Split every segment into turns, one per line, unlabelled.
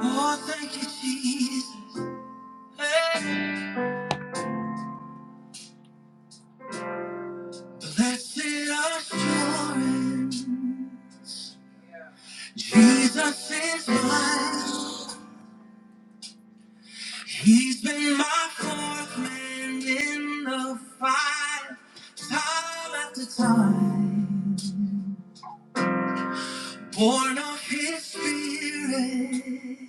Oh, thank you, Jesus. Hey. Blessed assurance, Jesus is mine. He's been my fourth man in the fight, time after time. Born of His Spirit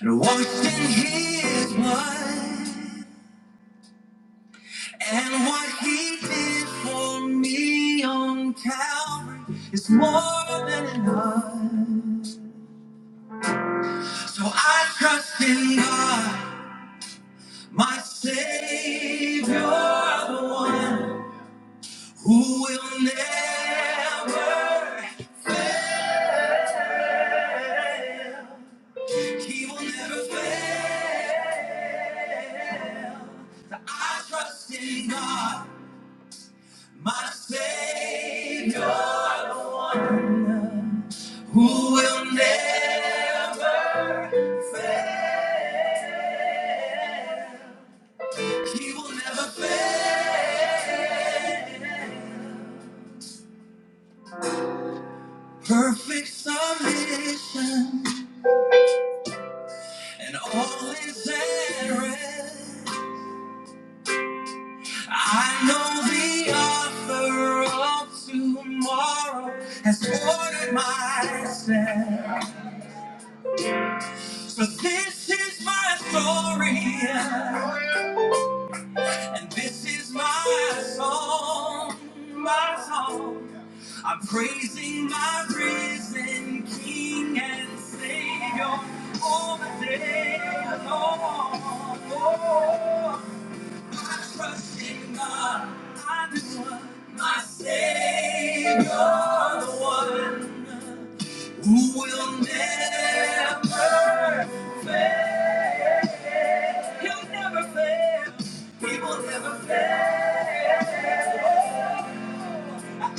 and washed in His blood. And what He did for me on Calvary is more than enough. So I trust in God, my Savior, the one who will never, he will never fail. I trust in God, my Savior, the one who will never fail. He will never fail. Perfect submission, and all is at rest. I know the author of tomorrow has ordered my steps. So this is my story, and this is my song, my song. I'm praising my risen King and Savior all the day long. I trust in God, I do one, my Savior, the one who will never fail. He'll never fail. He will never fail. I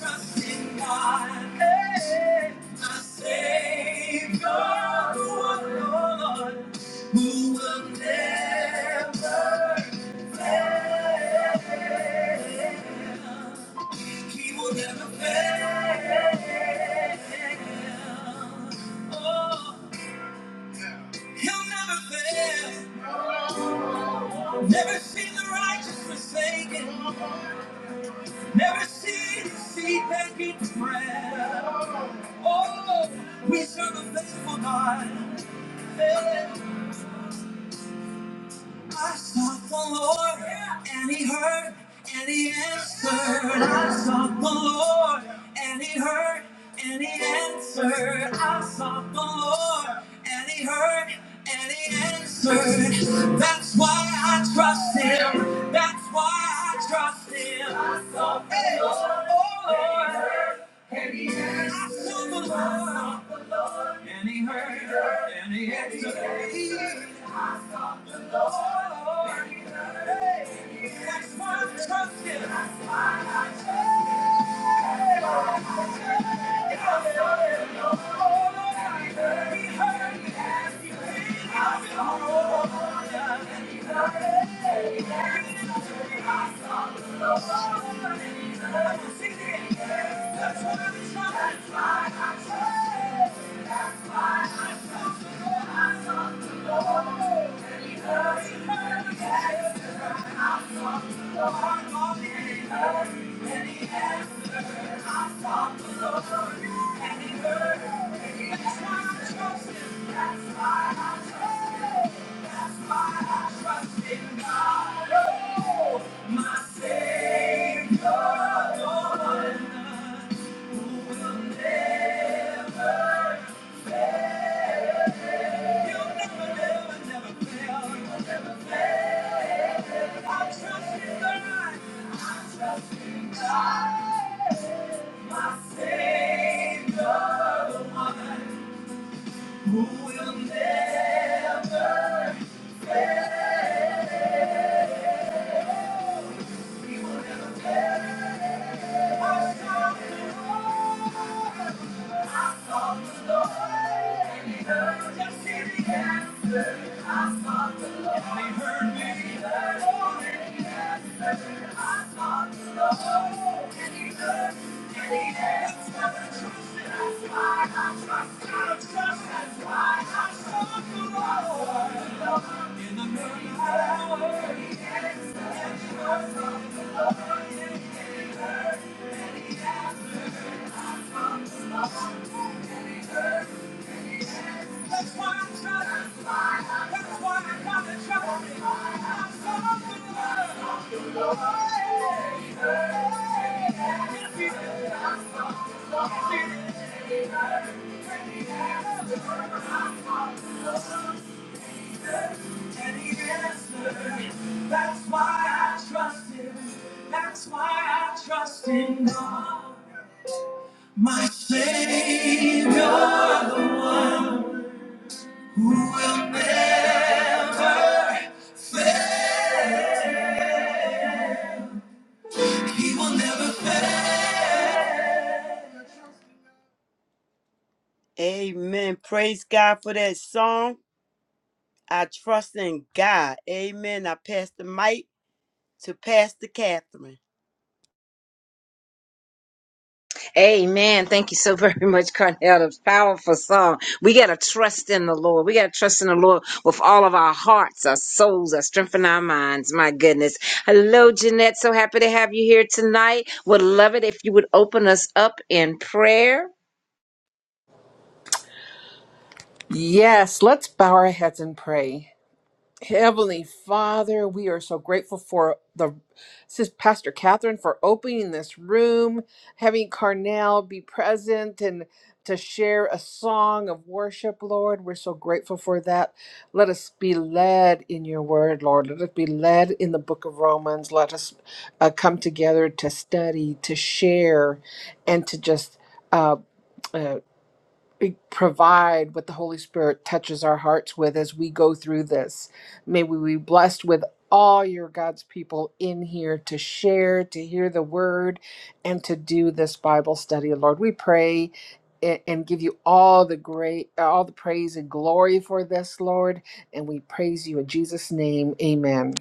trust in God, hey, my Savior, oh Lord, who will never fail. He will never fail. Oh, he'll never fail. Never seen the righteous forsaken. Never seen the seed begging bread. Oh, we serve a faithful God. Hey. I sought the Lord, and He heard, and He answered. I sought the Lord, and He heard, and He answered. I sought the Lord, and He heard, and He answered. That's why I trust Him. That's why I trust Him. I sought the Lord, oh Lord. And he heard, and he answered. I sought the Lord. And he heard her, and he exulted. I sought the Lord. and he heard me. That's why I'm trusting. That's why I trust him. the Lord. and he heard me. That's why I Who will never I sought the Lord, and He heard, and He answered. I sought the Lord, and He heard, and He answered. I sought the Lord, and He heard, and He answered. I trusted, I cried, I trusted, I cried. I sought the Lord in the middle of the night. That's why I'm trying. to find. That's why I got the trouble. I'm so in love. And he answered. That's why I trust him. That's why I trust in God. My Savior, the one who will never fail. He will never fail. Amen. Praise God for that song. I trust in God. Amen. I pass the mic to Pastor Catherine.
Amen. Thank you so very much, Cornell. That's powerful song. We gotta trust in the Lord. We gotta trust in the Lord with all of our hearts, our souls, our strength, and our minds. My goodness. Hello, Jeanette. So happy to have you here tonight. Would love it if you would open us up in prayer.
Yes, let's bow our heads and pray. Heavenly Father, we are so grateful for the Sis Pastor Catherine for opening this room, having Carnell be present and to share a song of worship, Lord. We're so grateful for that. Let us be led in your word, Lord. Let us be led in the book of Romans. Let us uh, come together to study, to share, and to just. Uh, uh, be- provide what the Holy Spirit touches our hearts with as we go through this. May we be blessed with all your God's people in here to share, to hear the word, and to do this Bible study. Lord, we pray a- and give you all the great all the praise and glory for this lord and we praise you in jesus name amen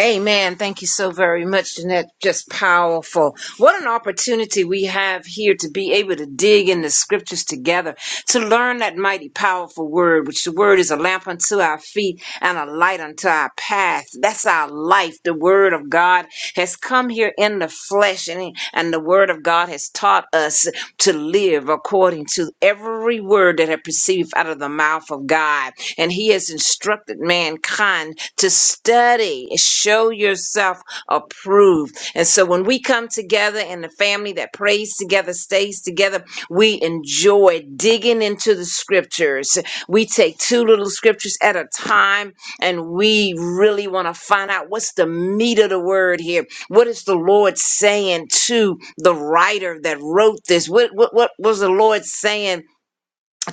Amen. Thank you so very much, Jeanette. Just powerful. What an opportunity we have here to be able to dig in the scriptures together, to learn that mighty powerful word, which the word is a lamp unto our feet and a light unto our path. That's our life word of God has come here in the flesh, and, and the word of God has taught us to live according to every word that I perceived out of the mouth of God. And He has instructed mankind to study, and show yourself approved. And so when we come together in the family that prays together, stays together, we enjoy digging into the scriptures. We take two little scriptures at a time and we really want to find out what's the meat of the word here. What is the Lord saying to the writer that wrote this? What what what was the Lord saying?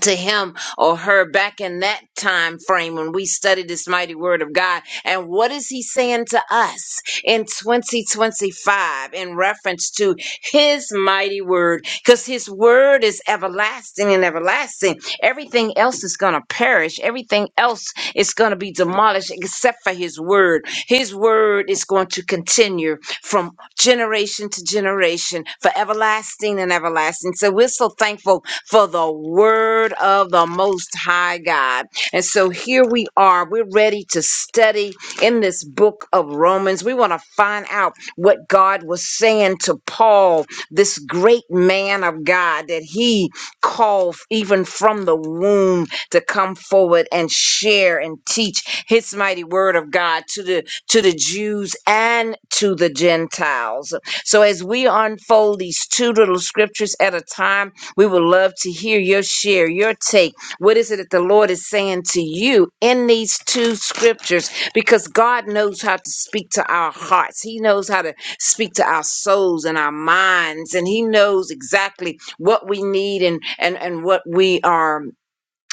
to him or her back in that time frame when we studied this mighty word of God. And what is he saying to us in 2025 in reference to his mighty word? Because his word is everlasting and everlasting. Everything else is going to perish, everything else is going to be demolished except for his word. His word is going to continue from generation to generation for everlasting and everlasting. So we're so thankful for the word of the Most High God. And so here we are. We're ready to study in this book of Romans. We want to find out what God was saying to Paul, this great man of God that he called even from the womb to come forward and share and teach his mighty word of God to the to the Jews and to the Gentiles. So as we unfold these two little scriptures at a time, we would love to hear your share, your take. What is it that the Lord is saying to you in these two scriptures? Because God knows how to speak to our hearts, He knows how to speak to our souls and our minds, and He knows exactly what we need and, and, and what we are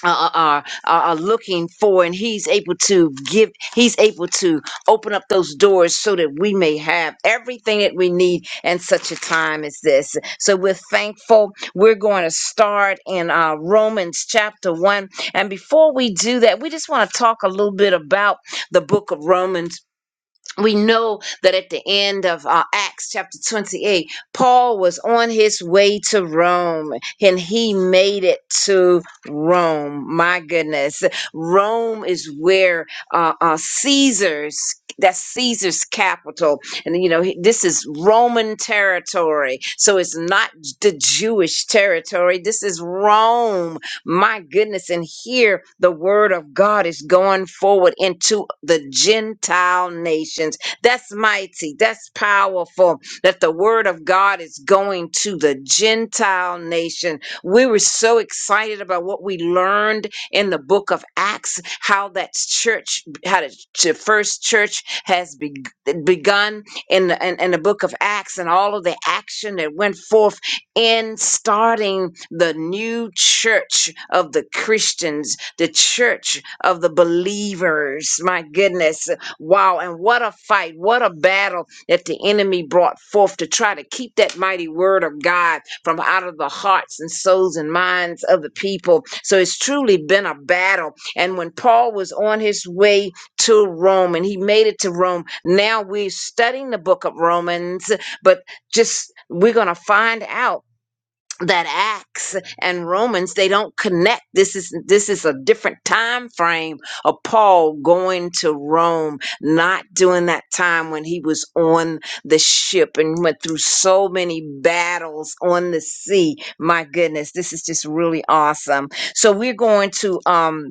are, are, are are looking for and he's able to give he's able to open up those doors so that we may have everything that we need in such a time as this so we're thankful we're going to start in uh, romans chapter 1 and before we do that we just want to talk a little bit about the book of romans we know that at the end of uh, Acts chapter 28, Paul was on his way to Rome and he made it to Rome. My goodness. Rome is where uh, uh, Caesar's. That's Caesar's capital. And, you know, he- this is Roman territory. So it's not the Jewish territory. This is Rome. My goodness. And here the word of God is going forward into the Gentile nations. That's mighty. That's powerful that the word of God is going to the Gentile nation. We were so excited about what we learned in the book of Acts, how that church, how the ch- first church has beg begun in the, in, in the book of Acts and all of the action that went forth in starting the new church of the Christians, the church of the believers. My goodness. Wow. And what a fight, what a battle that the enemy brought forth to try to keep that mighty word of God from out of the hearts and souls and minds of the people. So it's truly been a battle. And when Paul was on his way to Rome and he made it to Rome, now we're studying the book of Romans, but just we're going to find out that acts and romans they don't connect this is this is a different time frame of paul going to rome not during that time when he was on the ship and went through so many battles on the sea my goodness this is just really awesome so we're going to um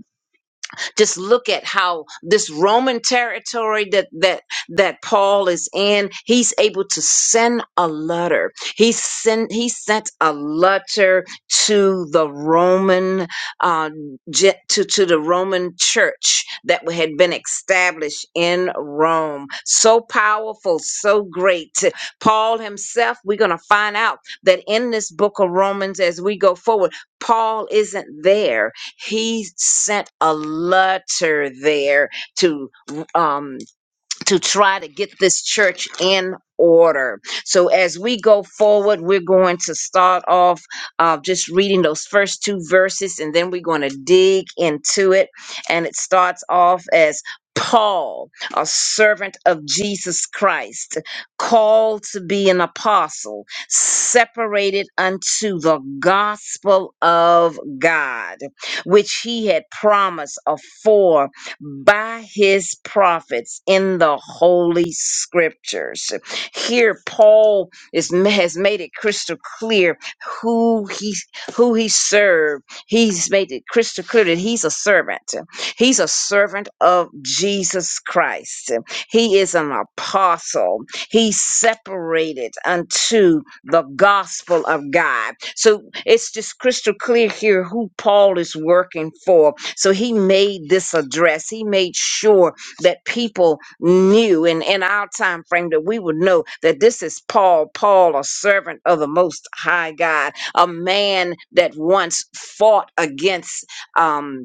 just look at how this Roman territory that that that Paul is in, he's able to send a letter. He sent he sent a letter to the Roman uh, ge- to to the Roman Church that had been established in Rome. So powerful, so great. Paul himself, we're going to find out that in this book of Romans as we go forward, Paul isn't there he sent a letter there to um, to try to get this church in order. So as we go forward, we're going to start off uh, just reading those first two verses, and then we're going to dig into it. And it starts off as Paul, a servant of Jesus Christ, called to be an apostle, separated unto the gospel of God, which he had promised afore by his prophets in the holy scriptures. Here Paul is has made it crystal clear who he who he served. He's made it crystal clear that he's a servant. He's a servant of Jesus Christ. He is an apostle. He's separated unto the gospel of God. So it's just crystal clear here who Paul is working for. So he made this address. He made sure that people knew and in our time frame that we would know that this is Paul, Paul, a servant of the most high God, a man that once fought against um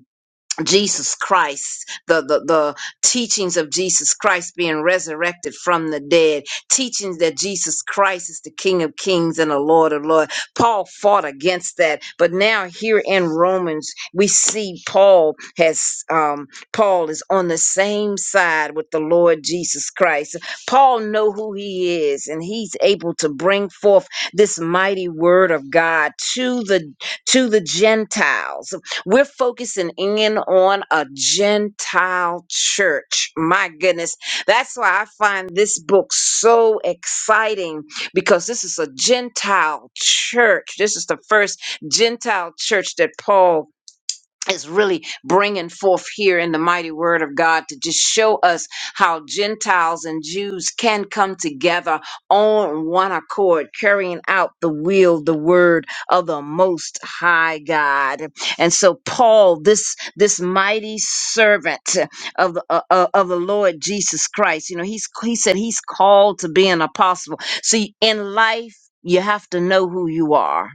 Jesus Christ, the, the, the teachings of Jesus Christ being resurrected from the dead, teachings that Jesus Christ is the King of Kings and the Lord of Lords. Paul fought against that, but now here in Romans, we see Paul has, um, Paul is on the same side with the Lord Jesus Christ. Paul know who he is, and he's able to bring forth this mighty word of God to the to the Gentiles we're focusing in on a Gentile church. My goodness. That's why I find this book so exciting because this is a Gentile church. This is the first Gentile church that Paul is really bringing forth here in the mighty word of God to just show us how Gentiles and Jews can come together on one accord, carrying out the will, the word of the most high God. And so Paul, this, this mighty servant of the, uh, uh, of the Lord Jesus Christ, you know, he's, he said he's called to be an apostle. See, in life, you have to know who you are.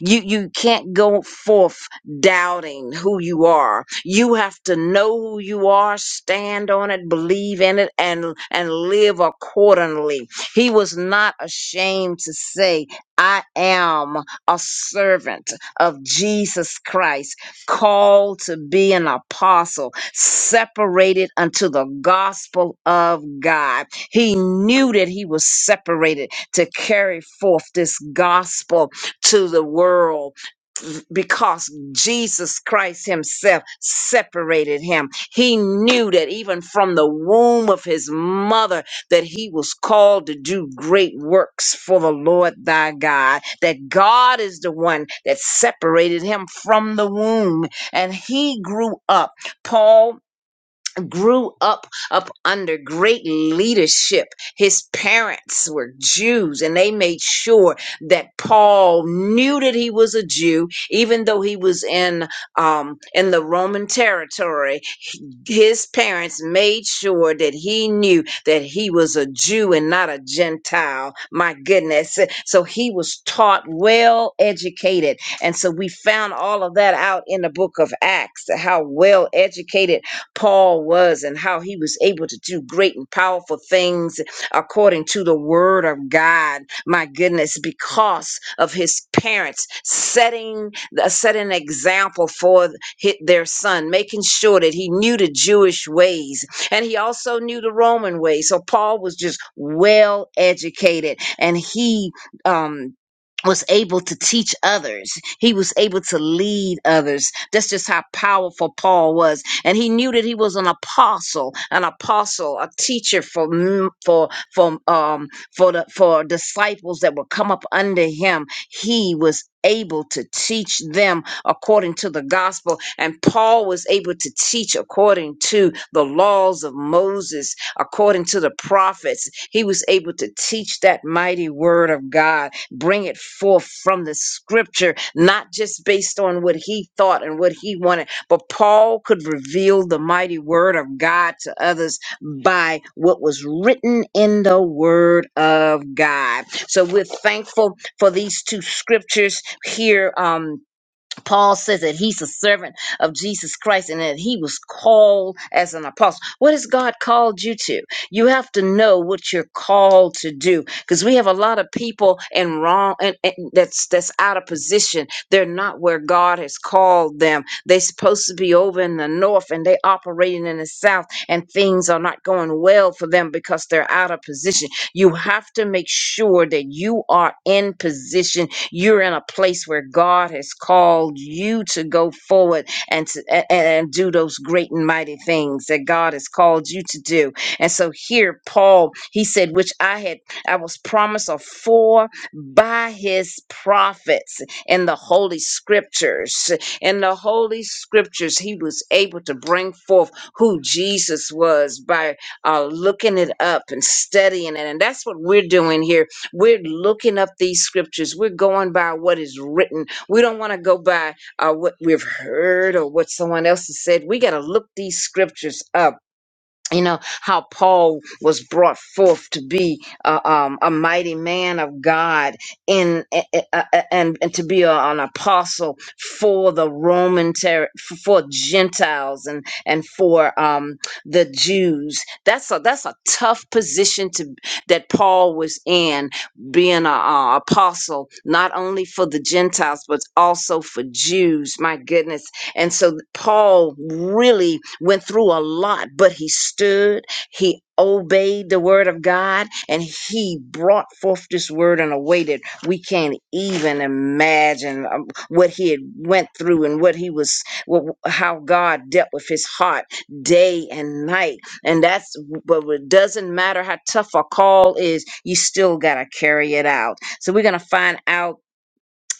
You, you can't go forth doubting who you are. You have to know who you are, stand on it, believe in it, and and live accordingly. He was not ashamed to say, I am a servant of Jesus Christ, called to be an apostle, separated unto the gospel of God. He knew that he was separated to carry forth this gospel to the world because Jesus Christ himself separated him. He knew that even from the womb of his mother that he was called to do great works for the Lord thy God. That God is the one that separated him from the womb and he grew up. Paul grew up up under great leadership. His parents were Jews and they made sure that Paul knew that he was a Jew even though he was in um in the Roman territory his parents made sure that he knew that he was a Jew and not a Gentile. My goodness. So he was taught, well educated. And so we found all of that out in the book of Acts, how well educated Paul was and how he was able to do great and powerful things according to the word of God. My goodness, because of his parents setting, setting an example for hit their son, making sure that he knew the Jewish ways and he also knew the Roman ways. So Paul was just well educated and he um was able to teach others. He was able to lead others. That's just how powerful Paul was. And he knew that he was an apostle, an apostle, a teacher for m- for for um for the for disciples that would come up under him. He was able to teach them according to the gospel. And Paul was able to teach according to the laws of Moses, according to the prophets. He was able to teach that mighty word of God, bring it forth from the scripture, not just based on what he thought and what he wanted, but Paul could reveal the mighty word of God to others by what was written in the word of God. So we're thankful for these two scriptures here. Um, Paul says that he's a servant of Jesus Christ and that he was called as an apostle. What has God called you to? You have to know what you're called to do because we have a lot of people in wrong and, and that's that's out of position. They're not where God has called them. They're supposed to be over in the north and they operating in the south and things are not going well for them because they're out of position. You have to make sure that you are in position you're in a place where God has called you to go forward and to, a- and do those great and mighty things that God has called you to do. And so here Paul, he said, which I had I was promised of four by his prophets in the holy scriptures. In the holy scriptures, he was able to bring forth who Jesus was by uh, looking it up and studying it. And that's what we're doing here we're looking up these scriptures. We're going by what is written. We don't want to go by uh, what we've heard or what someone else has said. We got to look these scriptures up you know how paul was brought forth to be uh, um, a mighty man of god in a- a- a- and, and to be a- an apostle for the roman ter- for gentiles and and for um, the jews that's a that's a tough position to that paul was in being a, a apostle not only for the gentiles but also for jews my goodness and so Paul really went through a lot, but he stood, he obeyed the word of God, and he brought forth this word in a way that we can't even imagine um, what he had went through and what he was, what, how God dealt with his heart day and night. And that's, but it doesn't matter how tough a call is, you still got to carry it out. So we're going to find out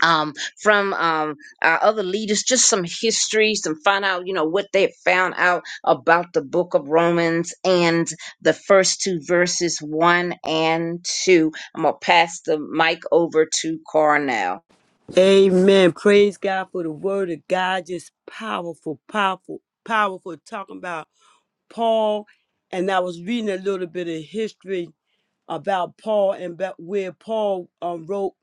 um, from um, our other leaders, just some history, some find out, you know, what they have found out about the book of Romans and the first two verses, one and two. I'm going to pass the mic over to Carnell.
Amen. Praise God for the word of God. Just powerful, powerful, powerful. Talking about Paul, and I was reading a little bit of history about Paul and about where Paul um, wrote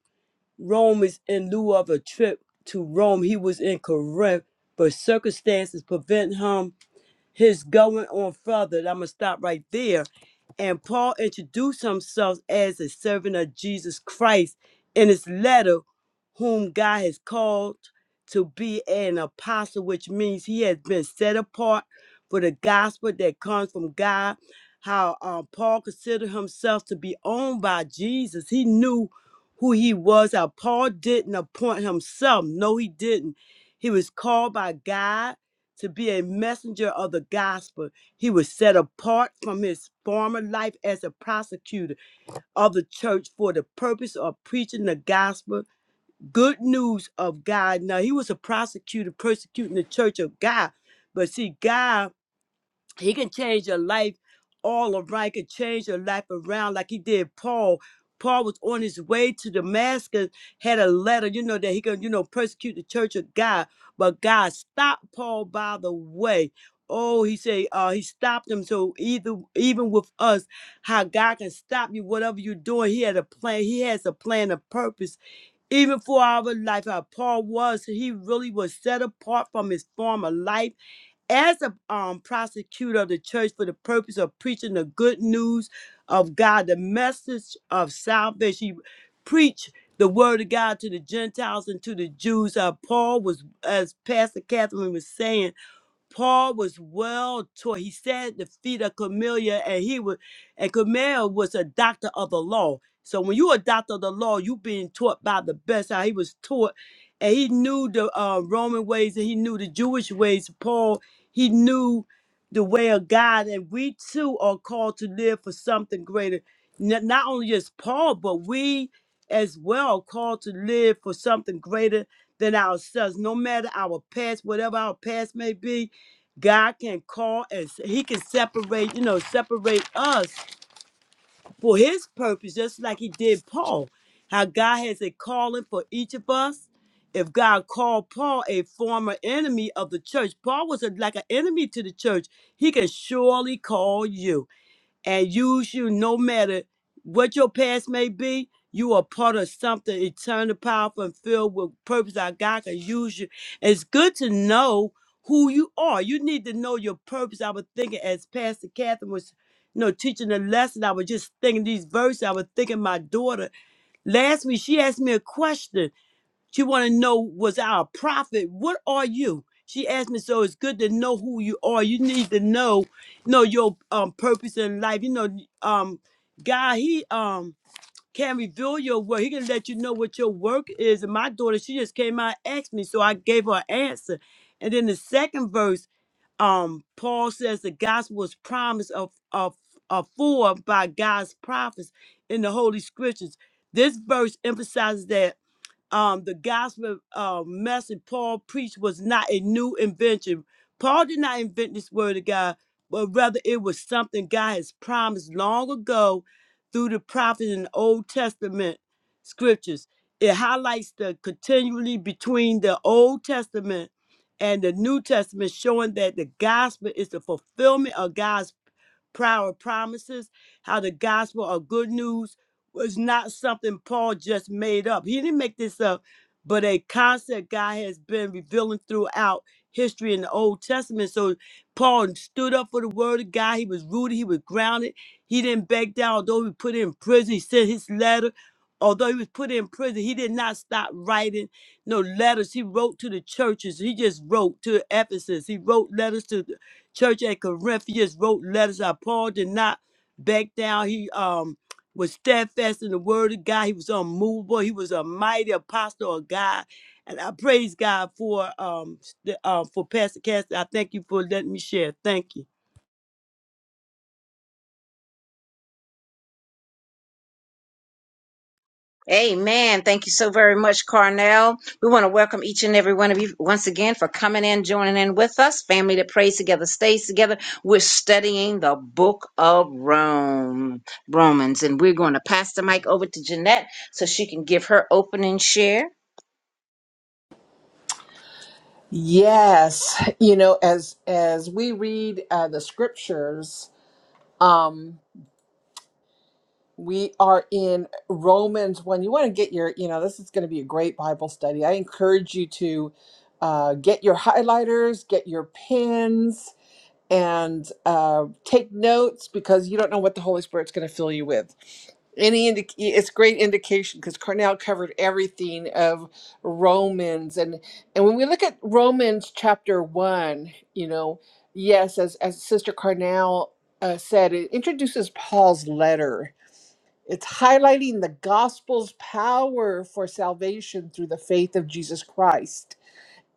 Romans in lieu of a trip to Rome. He was in Corinth, but circumstances prevent him his going on further. I'm gonna stop right there. And Paul introduced himself as a servant of Jesus Christ in his letter, whom God has called to be an apostle, which means he has been set apart for the gospel that comes from God. How um, Paul considered himself to be owned by Jesus. He knew who he was. How Paul didn't appoint himself. No, he didn't. He was called by God to be a messenger of the gospel. He was set apart from his former life as a prosecutor of the church for the purpose of preaching the gospel, good news of God. Now, he was a prosecutor persecuting the church of God, but see, God he can change your life all around. He can change your life around like he did Paul. Paul was on his way to Damascus, had a letter, you know, that he could, you know, persecute the church of God. But God stopped Paul by the way. Oh, he said, uh, he stopped him. So either even with us, how God can stop you, whatever you're doing, he had a plan. He has a plan, a purpose. Even for our life, how Paul was, he really was set apart from his former life as a um, prosecutor of the church for the purpose of preaching the good news of God, the message of salvation. You preached the word of God to the Gentiles and to the Jews. Uh, Paul was, as Pastor Catherine was saying, Paul was well taught. He sat at the feet of Camilla, and he was, and Camilla was a doctor of the law. So when you a doctor of the law, you being taught by the best. How he was taught, and he knew the uh, Roman ways, and he knew the Jewish ways. Paul, he knew the way of God, and we too are called to live for something greater. Not, not only just Paul, but we as well are called to live for something greater than ourselves. No matter our past, whatever our past may be, God can call and he can separate, you know, separate us for his purpose, just like he did Paul. How God has a calling for each of us. If God called Paul a former enemy of the church, Paul was a, like an enemy to the church. He can surely call you and use you no matter what your past may be. You are part of something eternal, powerful, and filled with purpose. Our God can use you. It's good to know who you are. You need to know your purpose. I was thinking as Pastor Catherine was, you know, teaching the lesson. I was just thinking these verses. I was thinking my daughter last week. She asked me a question she want to know was I a prophet? What are you? She asked me, so it's good to know who you are. You need to know, know your um purpose in life. You know, um, God, He um can reveal your work. He can let you know what your work is. And my daughter, she just came out and asked me, so I gave her an answer. And then the second verse, um, Paul says the gospel was promised of of afore by God's prophets in the Holy Scriptures. This verse emphasizes that um, the gospel uh, message Paul preached was not a new invention. Paul did not invent this word of God, but rather it was something God has promised long ago through the prophets in the Old Testament scriptures. It highlights the continually between the Old Testament and the New Testament, showing that the gospel is the fulfillment of God's prior promises, how the gospel of good news was not something Paul just made up. He didn't make this up, but a concept God has been revealing throughout history in the Old Testament. So Paul stood up for the word of God. He was rooted, he was grounded. He didn't back down, although he was put in prison. He sent his letter. Although he was put in prison, he did not stop writing no letters. He wrote to the churches. He just wrote to Ephesus. He wrote letters to the church at Corinth. He just wrote letters. Uh, Paul did not back down. He um was steadfast in the word of God. He was unmovable. He was a mighty apostle of God. And I praise God for um the, uh, for Pastor Cassie. I thank you for letting me share. Thank you.
Amen. Thank you so very much, Carnell. We want to welcome each and every one of you once again for coming in, joining in with us. Family that prays together, stays together. We're studying the book of Rome, Romans, and we're going to pass the mic over to Jeanette so she can give her opening share.
yes you know as as we read uh, the scriptures um. We are in Romans 1. You want to get your, you know, this is going to be a great Bible study. I encourage you to uh, get your highlighters, get your pens, and uh, take notes because you don't know what the Holy Spirit's going to fill you with. Any indic- it's great indication because Cornell covered everything of Romans and and when we look at Romans chapter one, you know, yes, as as Sister Cornell uh, said, it introduces Paul's letter it's highlighting the gospel's power for salvation through the faith of Jesus Christ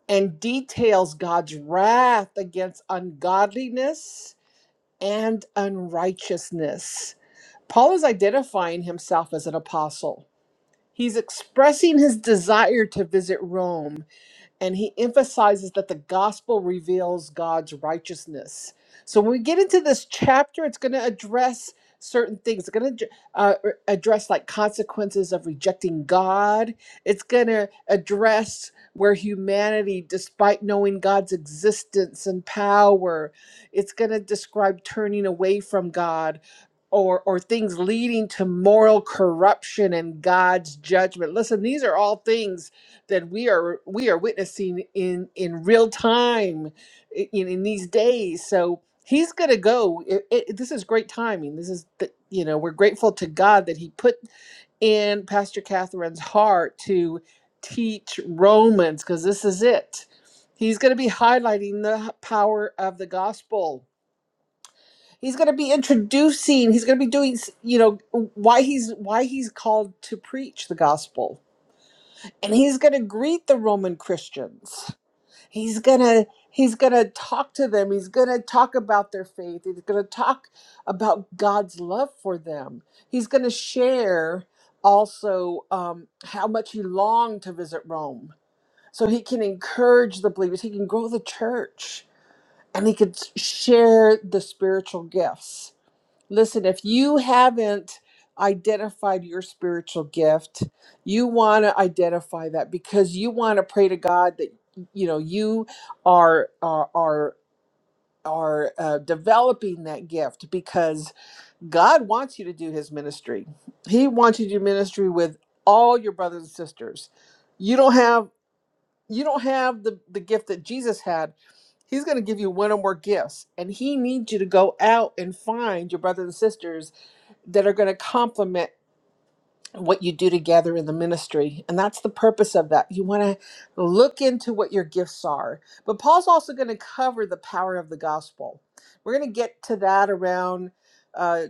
and details God's wrath against ungodliness and unrighteousness. Paul is identifying himself as an apostle. He's expressing his desire to visit Rome and he emphasizes that the gospel reveals God's righteousness. So when we get into this chapter, it's going to address certain things. It's going to uh, er, address like consequences of rejecting God. It's going to address where humanity, despite knowing God's existence and power, it's going to describe turning away from God. Or, or things leading to moral corruption and God's judgment. Listen, these are all things that we are we are witnessing in in real time i- in, in these days so he's going to go it, it, this is great timing this is the, you know we're grateful to god that he put in pastor catherine's heart to teach romans because this is it he's going to be highlighting the h- power of the gospel he's going to be introducing he's going to be doing s- you know why he's why he's called to preach the gospel and he's going to greet the roman christians he's gonna he's gonna talk to them he's gonna talk about their faith he's gonna talk about god's love for them he's gonna share also um, how much he longed to visit rome so he can encourage the believers he can grow the church and he can share the spiritual gifts Listen, if you haven't identified your spiritual gift, you want to identify that because you want to pray to God that you know you are are are are uh, developing that gift because God wants you to do His ministry. He wants you to do ministry with all your brothers and sisters. You don't have you don't have the the gift that Jesus had. He's going to give you one or more gifts, and He needs you to go out and find your brothers and sisters that are going to complement what you do together in the ministry. And that's the purpose of that. You want to look into what your gifts are. But Paul's also going to cover the power of the gospel. We're going to get to that around uh,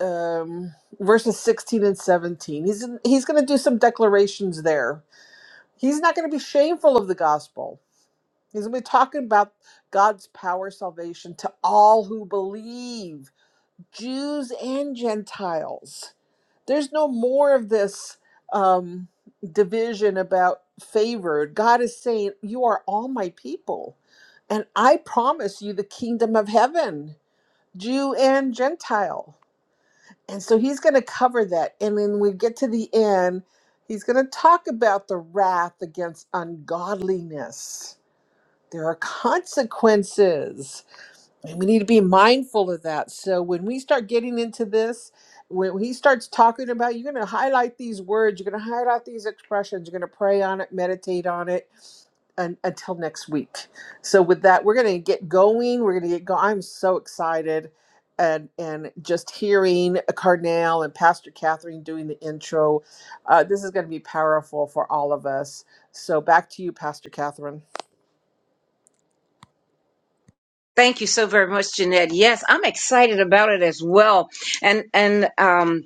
um, verses 16 and 17. He's, he's going to do some declarations there. He's not going to be shameful of the gospel. He's going to be talking about God's power salvation to all who believe, Jews and Gentiles there's no more of this um, division about favored. God is saying, You are all my people, and I promise you the kingdom of heaven, Jew and Gentile. And so he's going to cover that. And then we get to the end, he's going to talk about the wrath against ungodliness. There are consequences and we need to be mindful of that. So when we start getting into this, when he starts talking about, you're going to highlight these words, you're going to highlight these expressions, you're going to pray on it, meditate on it un- until next week. So with that, we're going to get going. We're going to get going. I'm so excited. And, and just hearing Cardinal and Pastor Catherine doing the intro, uh, this is going to be powerful for all of us. So back to you, Pastor Catherine.
Thank you so very much, Jeanette. Yes, I'm excited about it as well. And and um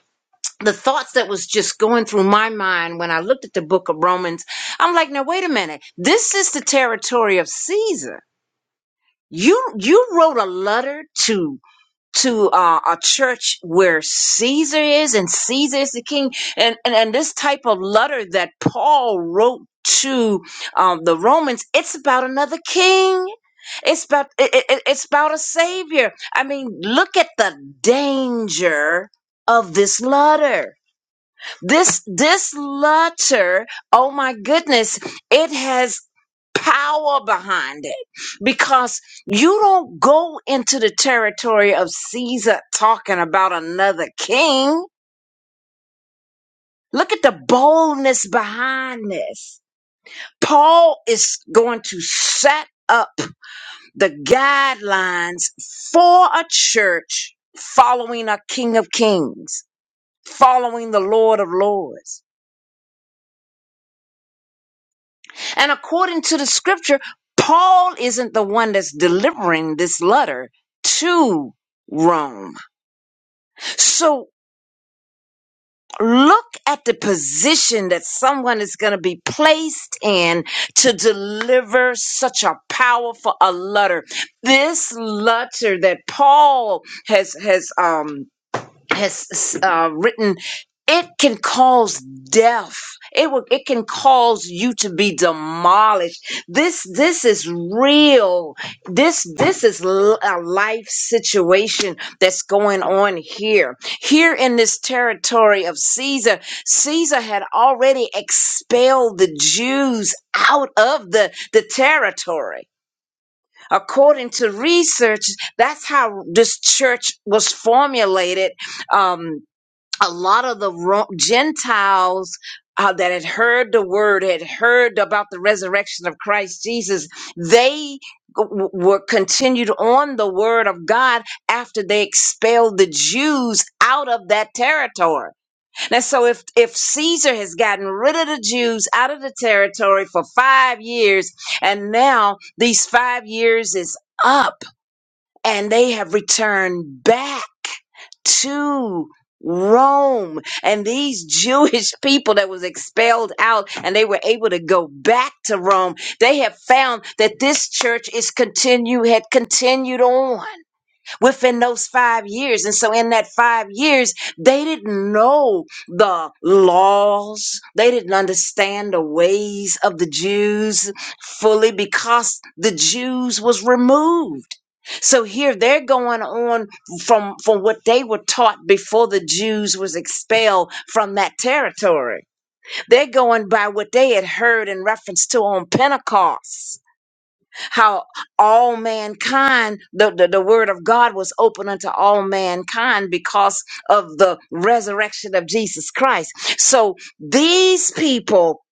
the thoughts that was just going through my mind when I looked at the book of Romans, I'm like, now wait a minute. This is the territory of Caesar. You you wrote a letter to to uh, a church where Caesar is and Caesar is the king, and and, and this type of letter that Paul wrote to um, the Romans, it's about another king. It's about it, it, it's about a savior. I mean, look at the danger of this letter this this letter, oh my goodness, it has power behind it because you don't go into the territory of Caesar talking about another king. Look at the boldness behind this. Paul is going to set up the guidelines for a church following a king of kings, following the Lord of lords. And according to the scripture, Paul isn't the one that's delivering this letter to Rome. So look at the position that someone is going to be placed in to deliver such a powerful a letter. This letter that Paul has has um has uh, written it can cause death it will it can cause you to be demolished this this is real this this is l- a life situation that's going on here here in this territory of caesar caesar had already expelled the jews out of the the territory according to research that's how this church was formulated um a lot of the Ro- Gentiles uh, that had heard the word, had heard about the resurrection of Christ Jesus, they w- were continued on the word of God after they expelled the Jews out of that territory. Now, so if if Caesar has gotten rid of the Jews out of the territory for five years, and now these five years is up and they have returned back to Rome. And these Jewish people that was expelled out and they were able to go back to Rome, they have found that this church is continue had continued on within those five years. And so, in that five years, they didn't know the laws, they didn't understand the ways of the Jews fully because the Jews was removed. So here they're going on from from what they were taught before the Jews was expelled from that territory. They're going by what they had heard in reference to on Pentecost how all mankind, the, the, the word of God was open unto all mankind because of the resurrection of Jesus Christ. So these people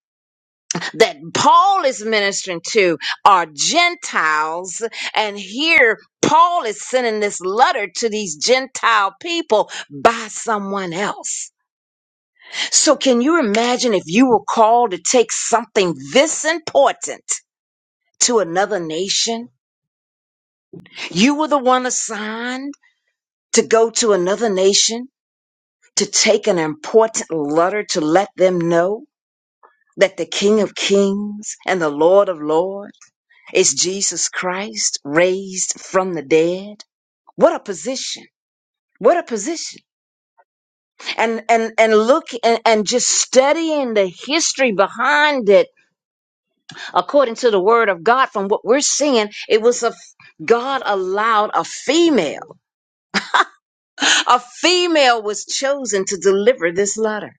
that Paul is ministering to are Gentiles, and here Paul is sending this letter to these Gentile people by someone else. So, can you imagine if you were called to take something this important to another nation? You were the one assigned to go to another nation to take an important letter to let them know that the King of Kings and the Lord of Lords is Jesus Christ raised from the dead. What a position. What a position. And and and look and, and just studying the history behind it according to the word of God from what we're seeing, it was a God allowed a female. A female was chosen to deliver this letter.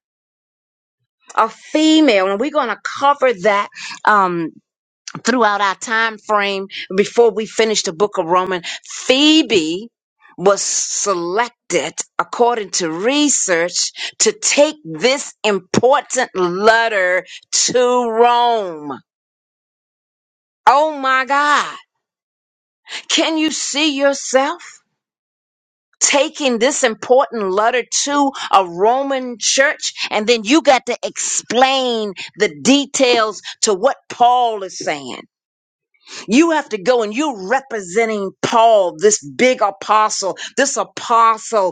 A female, and we're going to cover that um, throughout our time frame before we finish the book of Romans. Phoebe was selected, according to research, to take this important letter to Rome. Oh my God. Can you see yourself? taking this important letter to a Roman church, and then you got to explain the details to what Paul is saying. You have to go and you're representing Paul, this big apostle, this apostle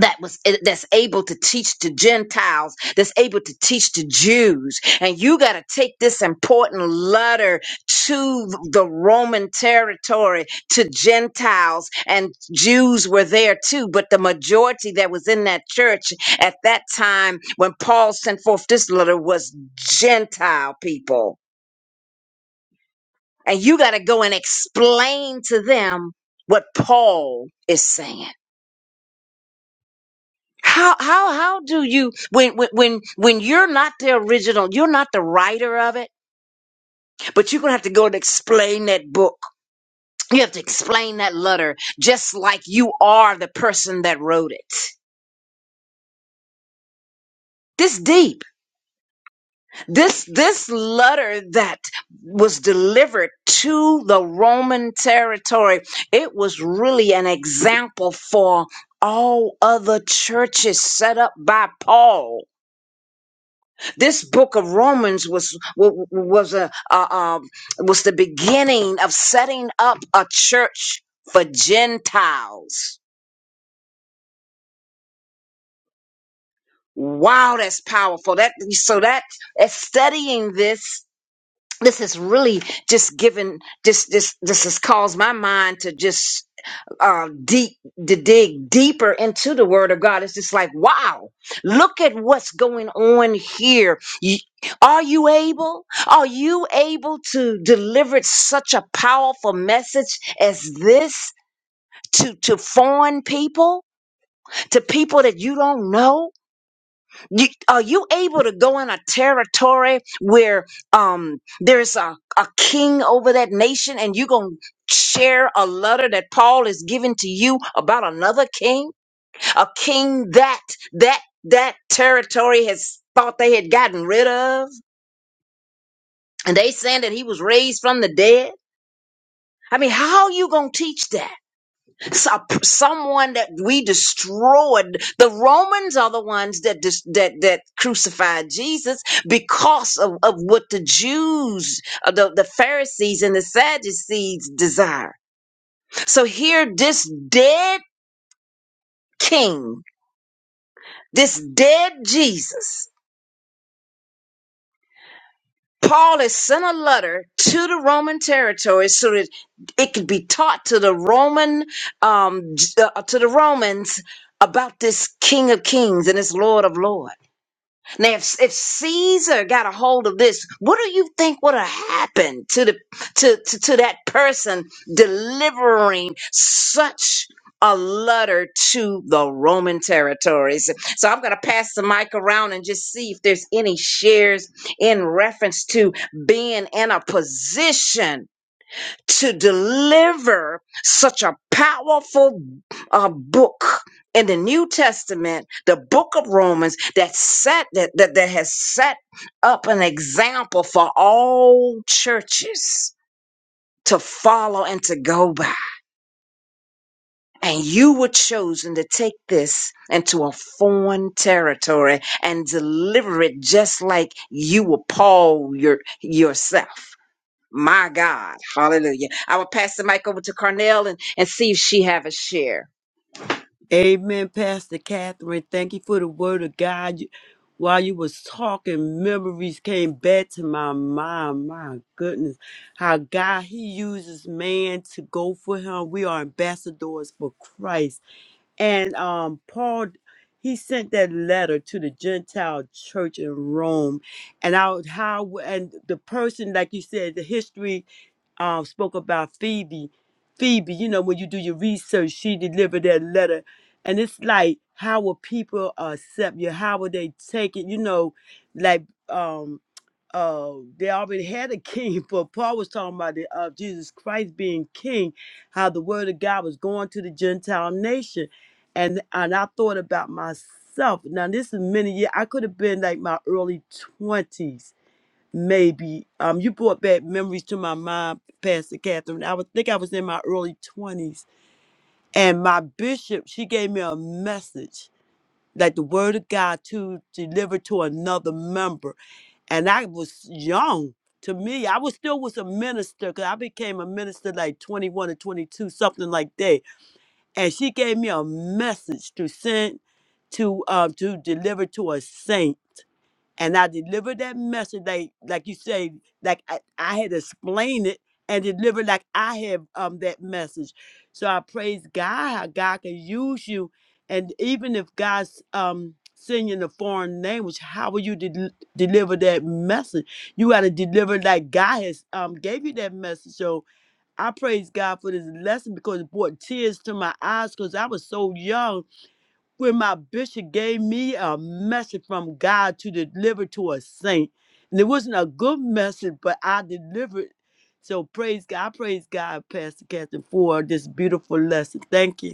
that was eh, that's able to teach to gentiles that's able to teach to jews and you got to take this important letter to the roman territory to gentiles and jews were there too but the majority that was in that church at that time when paul sent forth this letter was gentile people and you got to go and explain to them what paul is saying how how how do you when when when when you're not the original you're not the writer of it but you're gonna have to go and explain that book you have to explain that letter just like you are the person that wrote it this deep this this letter that was delivered to the roman territory it was really an example for all other churches set up by paul This book of Romans was was a uh, um, was the beginning of setting up a church for Gentiles. Wow, that's powerful. That so that as studying this, this is really just given. This this this has caused my mind to just um, deep to dig deeper into the Word of God. It's just like, wow, look at what's going on here. You- Are you able? Are you able to deliver such a powerful message as this to to foreign people, to people that you don't know? You, are you able to go in a territory where um, there's a, a king over that nation and you're going to share a letter that Paul is giving to you about another king? A king that that that territory has thought they had gotten rid of? And they saying that he was raised from the dead? I mean, how are you going to teach that? so- someone that we destroyed. The Romans are the ones that dis- that that crucified Jesus because of, of what the Jews, uh, the, the Pharisees and the Sadducees desire. So here, this dead king, this dead Jesus. Paul has sent a letter to the Roman territory so that it could be taught to the Roman, um, j- uh, to the Romans about this King of Kings and this Lord of Lords. Now, if, if Caesar got a hold of this, what do you think would have happened to the to, to, to that person delivering such a letter to the Roman territories? So I'm going to pass the mic around and just see if there's any shares in reference to being in a position to deliver such a powerful uh, book in the New Testament, the book of Romans, that set that, that that has set up an example for all churches to follow and to go by. And you were chosen to take this into a foreign territory and deliver it just like you were Paul your, yourself. My God. Hallelujah. I will pass the mic over to Carnell and, and see if she have a share.
Amen, Pastor Catherine. Thank you for the word of God. You- While you was talking, memories came back to my mind. My goodness, how God He uses man to go for Him. We are ambassadors for Christ. And um, Paul, he sent that letter to the Gentile church in Rome, and out how and the person, like you said, the history um spoke about Phoebe. Phoebe, you know, when you do your research, she delivered that letter and it's like, how will people accept you? How will they take it? You know, like um uh they already had a king, but Paul was talking about the uh, Jesus Christ being king, how the word of God was going to the Gentile nation. And and I thought about myself. Now this is many years. I could have been like my early twenties, maybe. Um, you brought back memories to my mind, Pastor Catherine. I would think I was in my early twenties. And my bishop, she gave me a message like the word of God to deliver to another member. And I was young. To me, I was still was a minister because I became a minister like 21 or 22, something like that. And she gave me a message to send to uh, to deliver to a saint and I delivered that message like like you say, like I, I had explained it and delivered like I have um that message. So I praise God how God can use you, and even if God's um send you in a foreign language, how will you del- deliver that message? You got to deliver like God has um gave you that message. So I praise God for this lesson because it brought tears to my eyes because I was so young when my bishop gave me a message from God to deliver to a saint. And it wasn't a good message, but I delivered. So praise God. I praise God, Pastor Catherine, for this beautiful lesson. Thank you.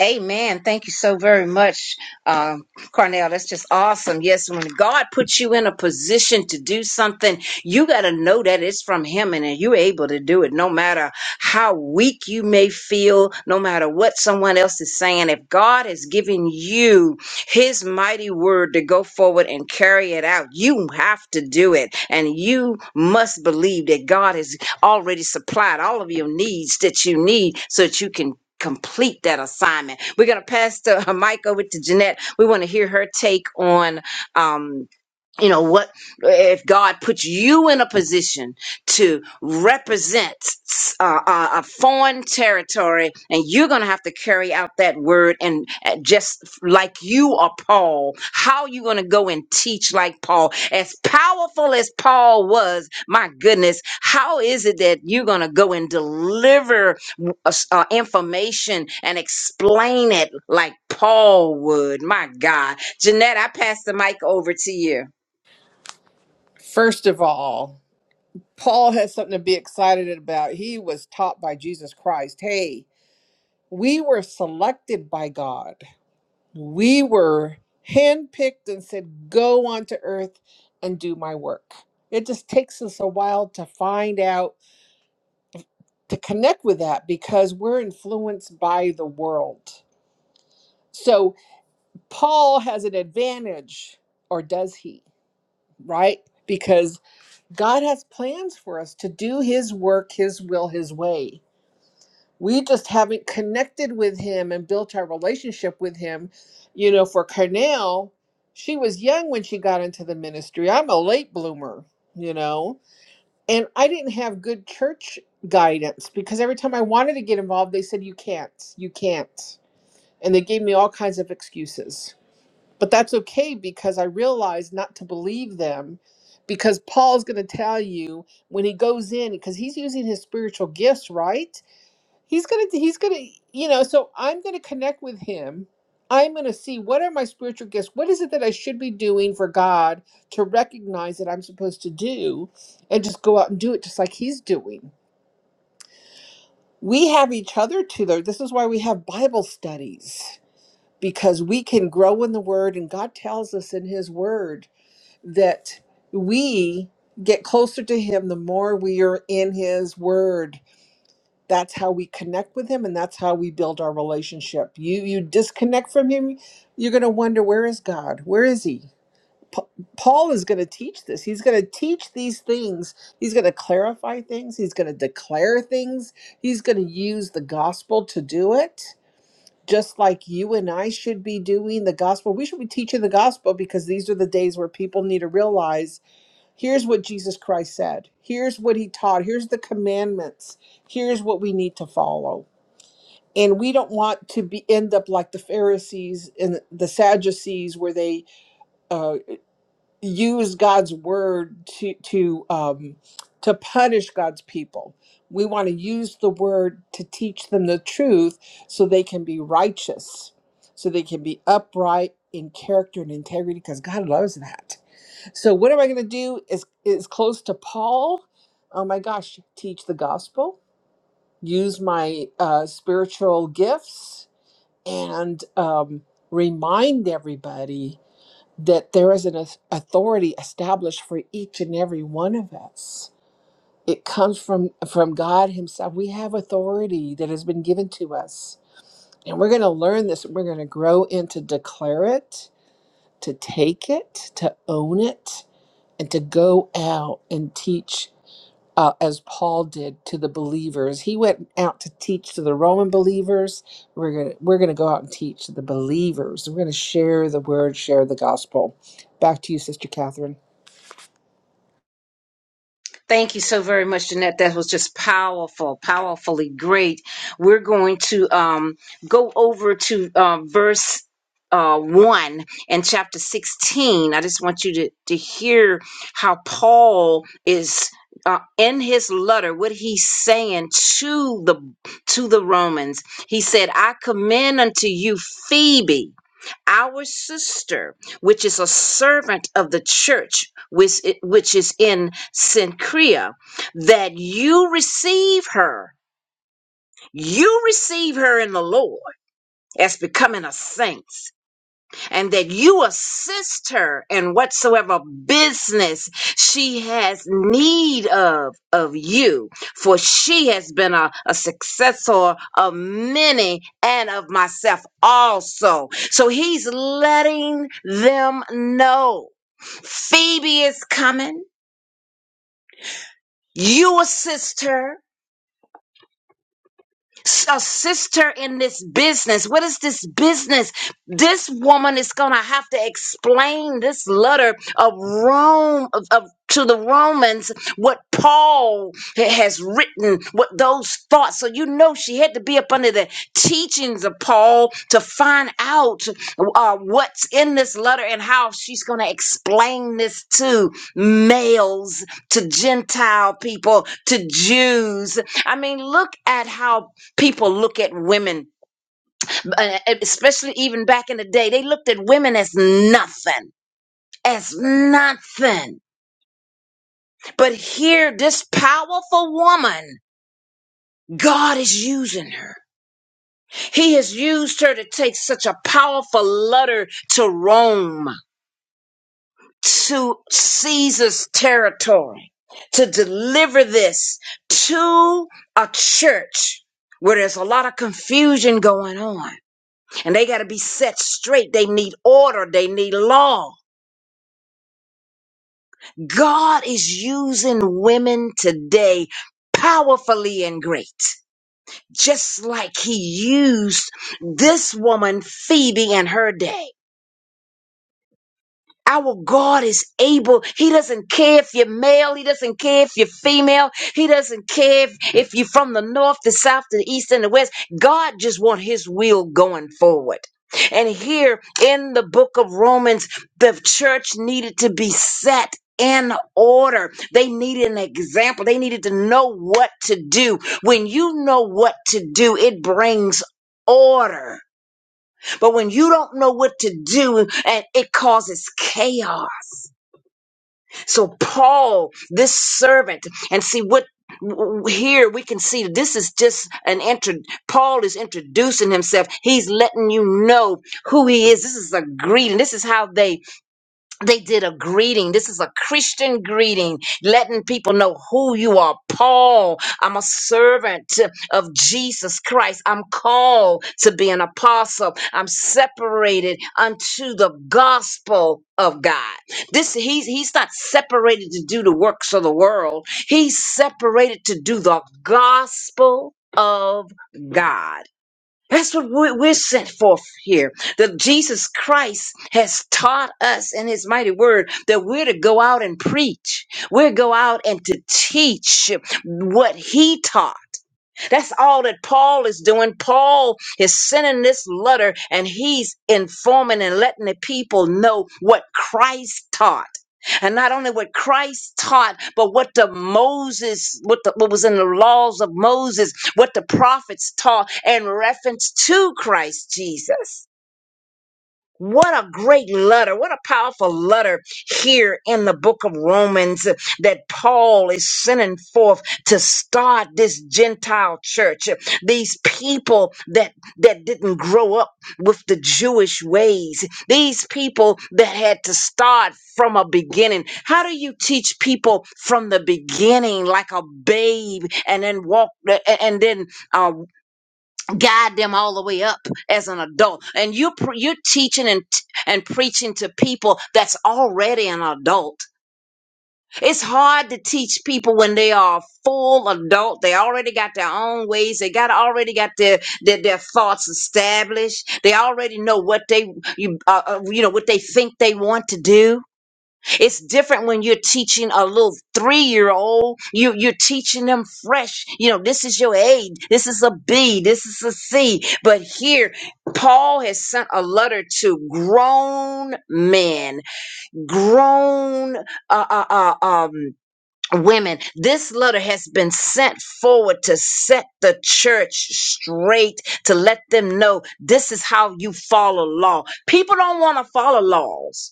Amen. Thank you so very much, um, Cornell. That's just awesome. Yes, when God puts you in a position to do something, you got to know that it's from Him and that you're able to do it no matter how weak you may feel, no matter what someone else is saying. If God has given you His mighty word to go forward and carry it out, you have to do it. And you must believe that God has already supplied all of your needs that you need so that you can complete that assignment. We're going to pass the uh, mic over to Jeanette. We want to hear her take on um, you know what if god puts you in a position to represent uh, uh, a foreign territory and you're going to have to carry out that word and uh, just like you are paul how you going to go and teach like paul as powerful as paul was my goodness how is it that you're going to go and deliver uh, uh, information and explain it like paul would my god jeanette i pass the mic over to you
First of all, Paul has something to be excited about. He was taught by Jesus Christ. Hey, we were selected by God. We were handpicked and said, Go onto earth and do my work. It just takes us a while to find out, to connect with that because we're influenced by the world. So Paul has an advantage, or does he? Right? Because God has plans for us to do his work, his will, his way we just haven't connected with him and built our relationship with him. You know, for Carnell, she was young when she got into the ministry. I'm a late bloomer, you know, and I didn't have good church guidance because every time I wanted to get involved, they said, You can't, you can't. And they gave me all kinds of excuses. But that's okay because I realized not to believe them because Paul's going to tell you when he goes in, because he's using his spiritual gifts, right? he's gonna he's gonna you know so i'm gonna connect with him i'm gonna see what are my spiritual gifts what is it that i should be doing for god to recognize that i'm supposed to do and just go out and do it just like he's doing we have each other to there this is why we have bible studies because we can grow in the word and god tells us in his word that we get closer to him the more we are in his word that's how we connect with him and that's how we build our relationship you you disconnect from him you're going to wonder where is god where is he Pa- paul is going to teach this he's going to teach these things he's going to clarify things he's going to declare things he's going to use the gospel to do it just like you and I should be doing the gospel. We should be teaching the gospel because these are the days where people need to realize Here's what Jesus Christ said. Here's what he taught. Here's the commandments. Here's what we need to follow. And we don't want to be end up like the Pharisees and the Sadducees, where they uh, use God's word to to um, to punish God's people. We want to use the word to teach them the truth, so they can be righteous, so they can be upright in character and integrity, because God loves that. So what am I going to do is is close to Paul? Oh my gosh, teach the gospel, use my uh, spiritual gifts, and um, remind everybody that there is an auth- authority established for each and every one of us. It comes from from God Himself. We have authority that has been given to us, and we're going to learn this. We're going to grow and to declare it, to take it, to own it and to go out and teach uh, as Paul did to the believers. He went out to teach to the Roman believers. We're gonna we're gonna go out and teach to the believers. We're gonna share the word, share the gospel. Back to you, Sister Catherine.
Thank you so very much, Jeanette. That was just powerful, powerfully great. We're going to um, go over to uh, verse uh, 1 in chapter 16. I just want you to, to hear how Paul is. Uh, in his letter what he's saying to the to the romans he said i commend unto you phoebe our sister, which is a servant of the church, which, which is in Synchrea, that you receive her. You receive her in the Lord as becoming a saint and that you assist her in whatsoever business she has need of of you for she has been a, a successor of many and of myself also so he's letting them know phoebe is coming you assist her A sister in this business. What is this business? This woman is going to have to explain this letter of Rome of, of- to the Romans what Paul ha- has written, what those thoughts. So you know she had to be up under the teachings of Paul to find out uh, what's in this letter and how she's going to explain this to males, to Gentile people, to Jews. I mean, look at how people look at women, uh, e, especially even back in the day, they looked at women as nothing, as nothing. But here, this powerful woman, God is using her. He has used her to take such a powerful letter to Rome, to Caesar's territory, to deliver this to a church where there's a lot of confusion going on. and they got to be set straight. They need order, they need law. God is using women today powerfully and great, just like He used this woman, Phoebe, in her day. Our God is able. He doesn't care if you're male. He doesn't care if you're female. He doesn't care if, if you're from the north, the south, the east, and the west. God just wants his will going forward. And here in the book of Romans, the church needed to be set in order. They needed an example. They needed to know what to do. When you know what to do, it brings order. But when you don't know what to do, and it causes chaos. So Paul, this servant, and see what w- here we can see this is just an intro paul is introducing himself he's letting you know who he is this is a greeting this is how they they did a greeting. This is a Christian greeting, letting people know who you are. Paul, I'm a servant of Jesus Christ. I'm called to be an apostle. I'm separated unto the gospel of God. This he's he's not separated to do the works of the world. He's separated to do the gospel of God. That's what we- we're sent forth here. That Jesus Christ has taught us in his mighty word that we're to go out and preach. We're to go out and to teach what he taught. That's all that Paul is doing. Paul is sending this letter and he's informing and letting the people know what Christ taught. And not only what Christ taught, but what the Moses, what, the, what was in the laws of Moses, what the prophets taught in reference to Christ Jesus. What a great letter. What a powerful letter here in the book of Romans that Paul is sending forth to start this Gentile church. These people that, that didn't grow up with the Jewish ways. These people that had to start from a beginning. How do you teach people from the beginning like a babe and then walk and then uh, guide them all the way up as an adult and you pre- you're teaching and t- and preaching to people that's already an adult it's hard to teach people when they are a full adult they already got their own ways they got already got their their, their thoughts established they already know what they you uh, uh, you know what they think they want to do it's different when you're teaching a little three-year-old. You you're teaching them fresh. You know, this is your A, this is a B, this is a C. But here, Paul has sent a letter to grown men, grown uh, uh, uh, um, women. This letter has been sent forward to set the church straight, to let them know this is how you follow law. People don't want to follow laws.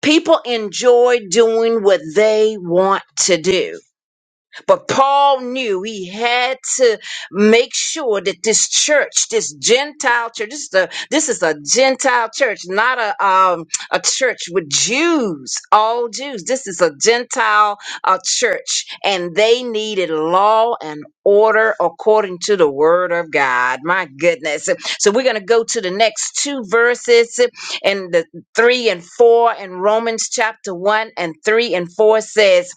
People enjoy doing what they want to do. But Paul knew he had to make sure that this church, this Gentile church, this is a, this is a Gentile church, not a um, a church with Jews, all Jews. This is a Gentile uh, church, and they needed law and order according to the word of God. My goodness. So we're going to go to the next two verses, and the three and four in Romans chapter one and three and four says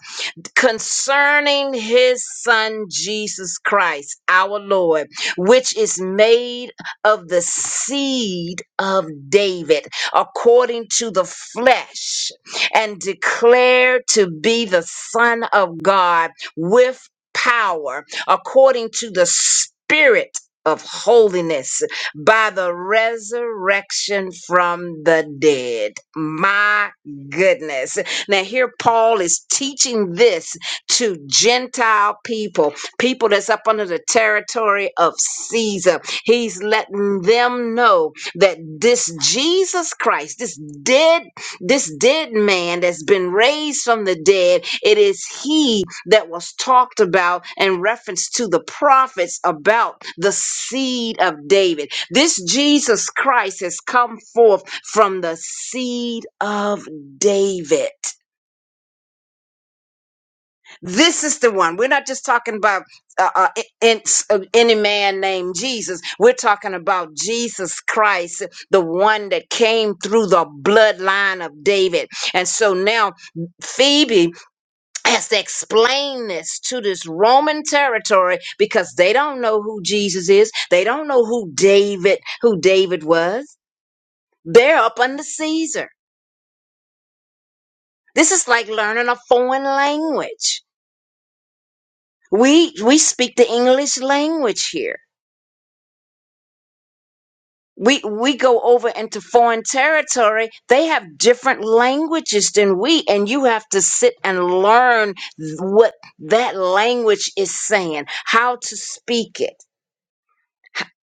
concerning his son Jesus Christ, our Lord, which is made of the seed of David according to the flesh, and declared to be the Son of God with power according to the Spirit. Of holiness by the resurrection from the dead. My goodness. Now, here Paul is teaching this to Gentile people, people that's up under the territory of Caesar. He's letting them know that this Jesus Christ, this dead, this dead man that's been raised from the dead, it is he that was talked about in reference to the prophets about the seed of David. This Jesus Christ has come forth from the seed of David. This is the one. We're not just talking about uh, uh, in, uh, any man named Jesus. We're talking about Jesus Christ, the one that came through the bloodline of David. And so now Phoebe has to explain this to this Roman territory because they don't know who Jesus is. They don't know who David, who David was. They're up under Caesar. This is like learning a foreign language. We we speak the English language here. we we go over into foreign territory they have different languages than we and you have to sit and learn what that language is saying how to speak it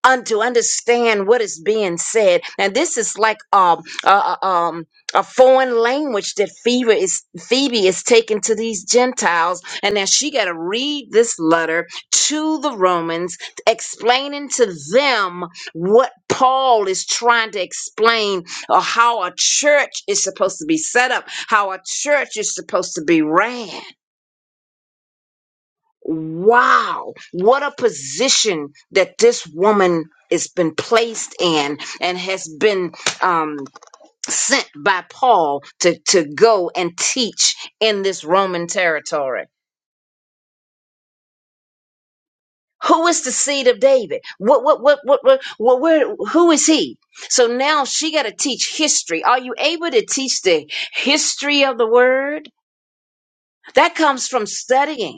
and to understand what is being said. And this is like um uh, uh, um a foreign language that Phoebe is Phoebe is taking to these Gentiles, and now she got to read this letter to the Romans, explaining to them what Paul is trying to explain, or how a church is supposed to be set up, how a church is supposed to be ran. Wow, what a position that this woman has been placed in and has been um, sent by Paul to, to go and teach in this Roman territory. Who is the seed of David? What, what, what, what, what, what where, who is he? So now she got to teach history. Are you able to teach the history of the word? That comes from studying.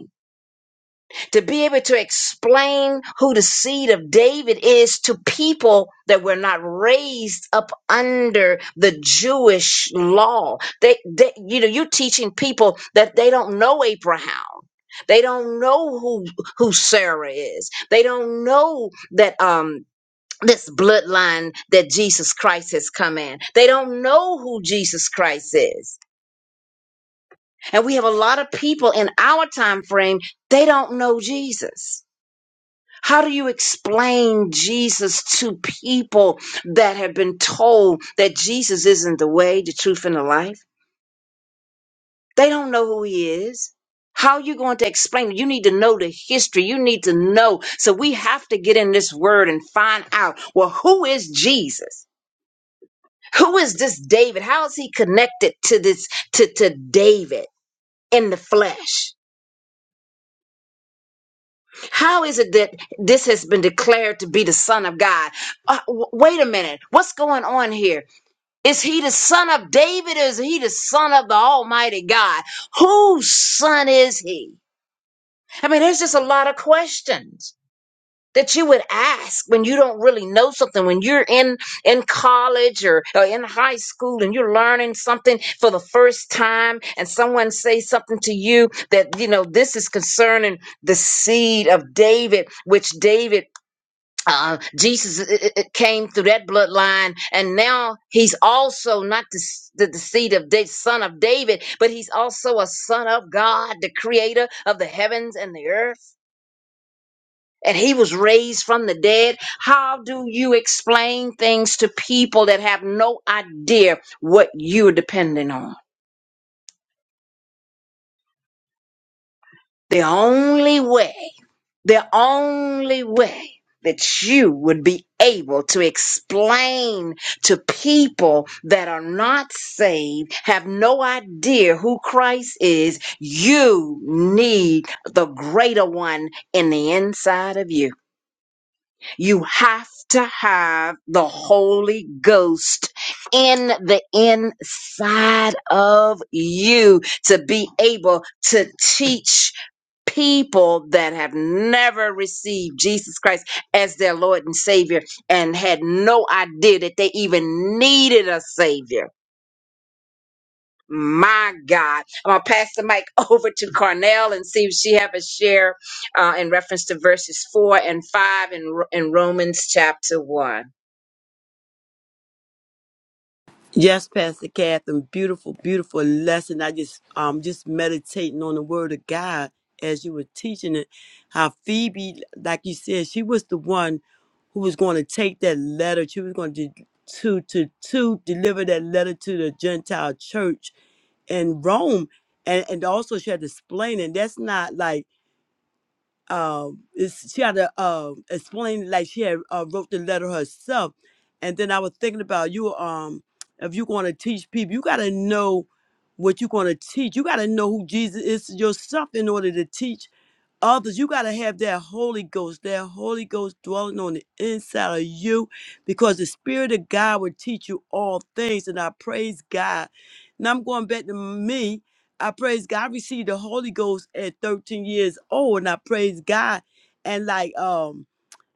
to be able to explain who the seed of David is to people that were not raised up under the Jewish law. They, they you know, you're teaching people that they don't know Abraham. They don't know who who Sarah is. They don't know that um this bloodline that Jesus Christ has come in. They don't know who Jesus Christ is. And we have a lot of people in our time frame, they don't know Jesus. How do you explain Jesus to people that have been told that Jesus isn't the way, the truth, and the life? They don't know who he is. How are you going to explain? it? You need to know the history. You need to know. So we have to get in this word and find out well, who is Jesus? Who is this David? How is he connected to this to, to David in the flesh? How is it that this has been declared to be the Son of God? Uh, w- wait a minute. What's going on here? Is he the son of David or is he the son of the Almighty God? Whose son is he? I mean, there's just a lot of questions that you would ask when you don't really know something, when you're in, in college or, or in high school and you're learning something for the first time and someone says something to you that, you know, this is concerning the seed of David, which David uh, Jesus uh, uh, uh, came through that bloodline, and now he's also not the, s- the, the seed of the son of David, but he's also a son of God, the creator of the heavens and the earth. And he was raised from the dead. How do you explain things to people that have no idea what you're depending on? The only way, the only way that you would be able to explain to people that are not saved, have no idea who Christ is, you need the greater one in the inside of you. You have to have the Holy Ghost in the inside of you to be able to teach people that have never received Jesus Christ as their Lord and Savior and had no idea that they even needed a Savior my God. I'm going to pass the mic over to Carnell and see if she have a share uh, in reference to verses 4 and 5 in, in Romans chapter 1.
Yes, Pastor Catherine, beautiful, beautiful lesson. I just um just meditating on the word of God as you were teaching it. How Phoebe, like you said, she was the one who was going to take that letter. She was going to to to to deliver that letter to the Gentile church in Rome. And and also she had to explain, it. that's not like um it's, she had to um explain like she had uh, wrote the letter herself and then i was thinking about you um if you're going to teach people you got to know what you're going to teach you got to know who jesus is yourself in order to teach others. You got to have that Holy Ghost, that Holy Ghost dwelling on the inside of you because the Spirit of God will teach you all things. And I praise God. Now I'm going back to me. I praise God. I received the Holy Ghost at 13 years old, and I praise God. And like, um,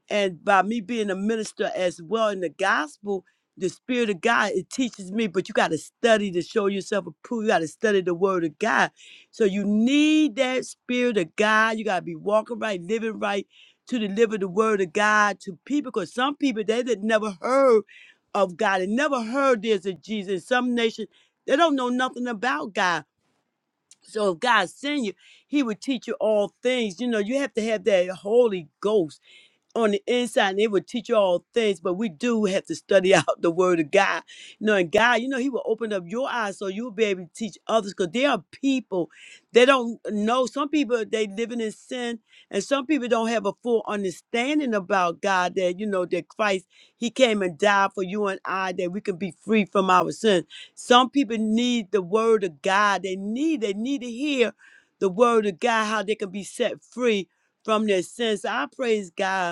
and by me being a minister as well in the gospel the spirit of god it teaches me but you got to study to show yourself approved you got to study the word of god so you need that spirit of god you got to be walking right living right to deliver the word of god to people because some people they that never heard of god and never heard there's a jesus some nations they don't know nothing about god so if god send you he would teach you all things you know you have to have that holy ghost on the inside and it will teach you all things, but we do have to study out the word of God. You know, and God, you know, He will open up your eyes so you'll be able to teach others because there are people they don't know. Some people they living in sin, and some people don't have a full understanding about God that you know that Christ He came and died for you and I that we can be free from our sin. Some people need the word of God. They need, they need to hear the word of God, how they can be set free from their sins. I praise God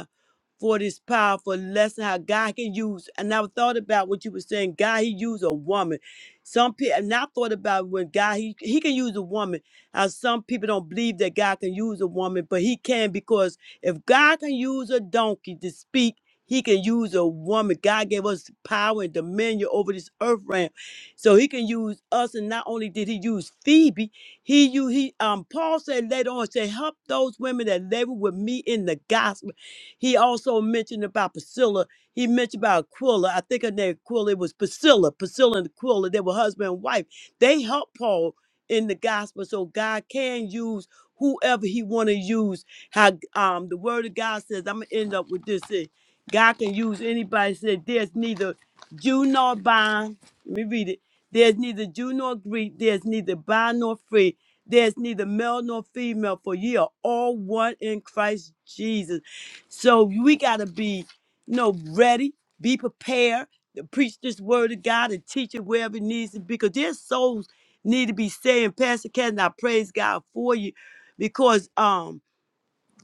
for this powerful lesson how God can use. And I thought about what you were saying. God, He used a woman. Some people, and I thought about when God, He He can use a woman. How some people don't believe that God can use a woman, but He can because if God can use a donkey to speak. He can use a woman. God gave us power and dominion over this earth realm, so He can use us. And not only did He use Phoebe, He you He um Paul said later on, said help those women that labor with me in the gospel. He also mentioned about Priscilla. He mentioned about Aquila. I think her name Aquila it was Priscilla. Priscilla and Aquila, they were husband and wife. They helped Paul in the gospel. So God can use whoever he want to use. How um the word of God says, I'm gonna end up with this. here. God can use anybody. Said there's neither Jew nor bond. Let me read it. There's neither Jew nor Greek. There's neither bond nor free. There's neither male nor female, for ye are all one in Christ Jesus. So we got to be, you know, ready, be prepared to preach this word of God and teach it wherever it needs to be because their souls need to be saved. Pastor Cat, I praise God for you because um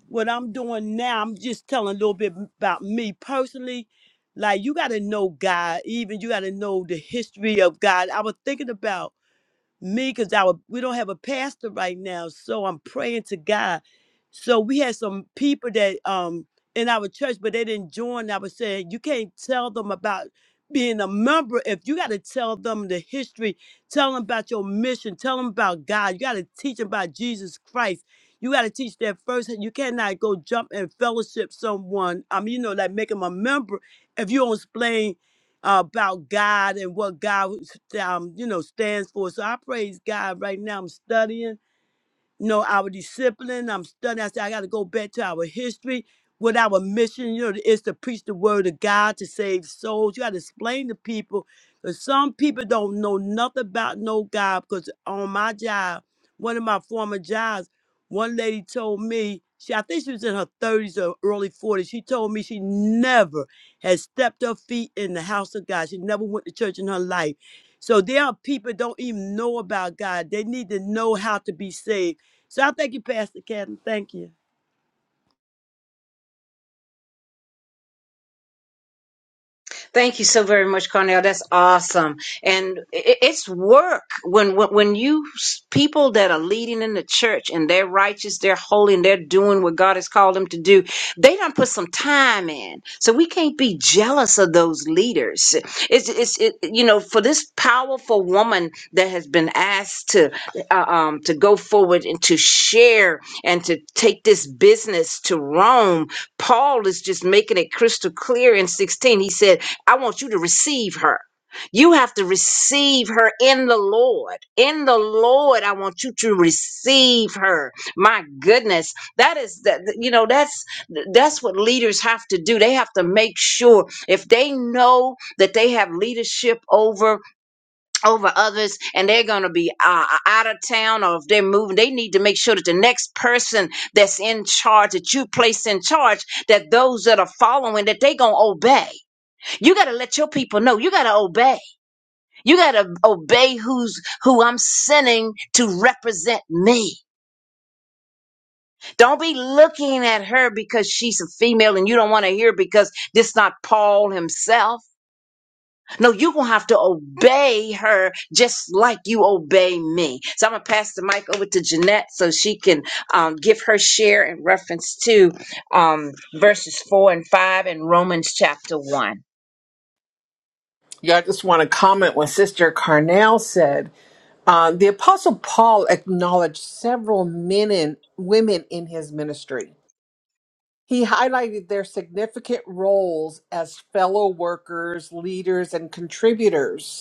what I'm doing now, I'm just telling a little bit about me personally. Like you got to know God, even you got to know the history of God. I was thinking about me because our we don't have a pastor right now so i'm praying to god so we had some people that um in our church but they didn't join i was saying you can't tell them about being a member if you got to tell them the history tell them about your mission tell them about god you got to teach them about jesus christ you got to teach that first you cannot go jump and fellowship someone i mean you know like make them a member if you don't explain about God and what God, um, you know, stands for. So I praise God right now. I'm studying know, our discipline. I'm studying. I said, I got to go back to our history, what our mission, you know, is to preach the word of God to save souls. You got to explain to people because some people don't know nothing about no God. Because on my job, one of my former jobs, one lady told me, she, I think she was in her 30s or early 40s. She told me she never had stepped her feet in the house of God. She never went to church in her life. So there are people don't even know about God. They need to know how to be saved so I thank you, Pastor Catherine. Thank you.
Thank you so very much, Cornell. That's awesome, and i- it's work when when when you s- people that are leading in the church and they're righteous, they're holy, and they're doing what God has called them to do. They don't put some time in, so we can't be jealous of those leaders. It's it's it, you know for this powerful woman that has been asked to uh, um to go forward and to share and to take this business to Rome. Paul is just making it crystal clear in sixteen. He said. I want you to receive her. You have to receive her in the Lord. In the Lord, I want you to receive her. My goodness, that is that you know that's that's what leaders have to do. They have to make sure if they know that they have leadership over over others and they're going to be uh, out of town or if they're moving, they need to make sure that the next person that's in charge that you place in charge that those that are following that they going to obey you got to let your people know. You got to obey. You got to obey who's who I'm sending to represent me. Don't be looking at her because she's a female and you don't want to hear because this not Paul himself. No, you're going to have to obey her just like you obey me. So I'm going to pass the mic over to Jeanette so she can um, give her share in reference to um, verses 4 and 5 in Romans chapter 1.
Yeah, I just want to comment what Sister Carnell said. Uh, the Apostle Paul acknowledged several men and women in his ministry. He highlighted their significant roles as fellow workers, leaders, and contributors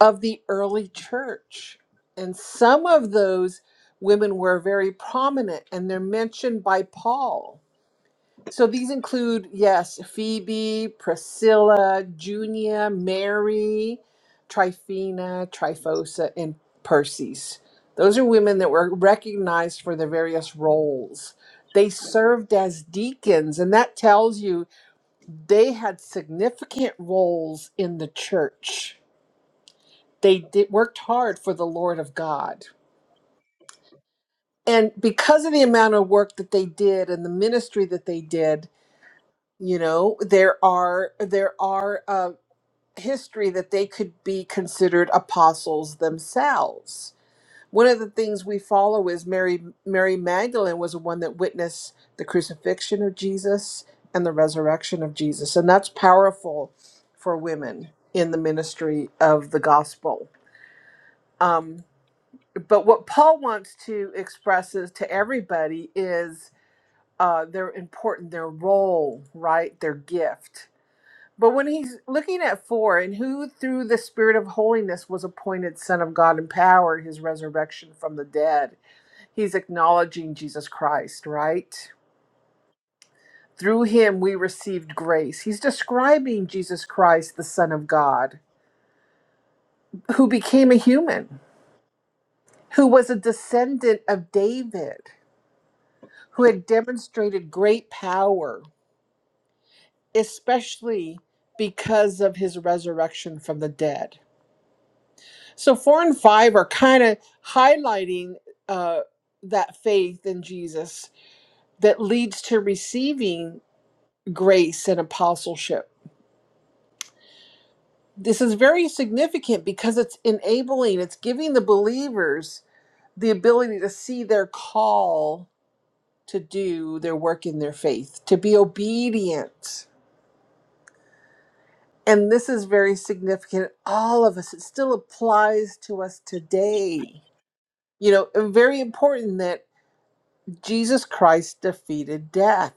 of the early church. And some of those women were very prominent and they're mentioned by Paul. So these include, yes, Phoebe, Priscilla, Junia, Mary, Tryphena, Tryphosa, and Persis. Those are women that were recognized for their various roles. They served as deacons, and that tells you they had significant roles in the church. They did worked hard for the Lord of God. And because of the amount of work that they did and the ministry that they did, you know, there are there are uh, history that they could be considered apostles themselves. One of the things we follow is Mary Mary Magdalene was the one that witnessed the crucifixion of Jesus and the resurrection of Jesus. And that's powerful for women in the ministry of the gospel. Um, But what Paul wants to express is to everybody is uh, they're important, their role, right? Their gift. But when he's looking at four, and who through the Spirit of holiness was appointed Son of God in power, his resurrection from the dead, he's acknowledging Jesus Christ, right? Through him we received grace. He's describing Jesus Christ, the Son of God, who became a human, who was a descendant of David who had demonstrated great power, especially because of his resurrection from the dead. So, four and five are kind of highlighting uh, that faith in Jesus that leads to receiving grace and apostleship. This is very significant because it's enabling, it's giving the believers the ability to see their call to do their work in their faith, to be obedient And this is very significant. All of us, it still applies to us today. You know, and very important that Jesus Christ defeated death.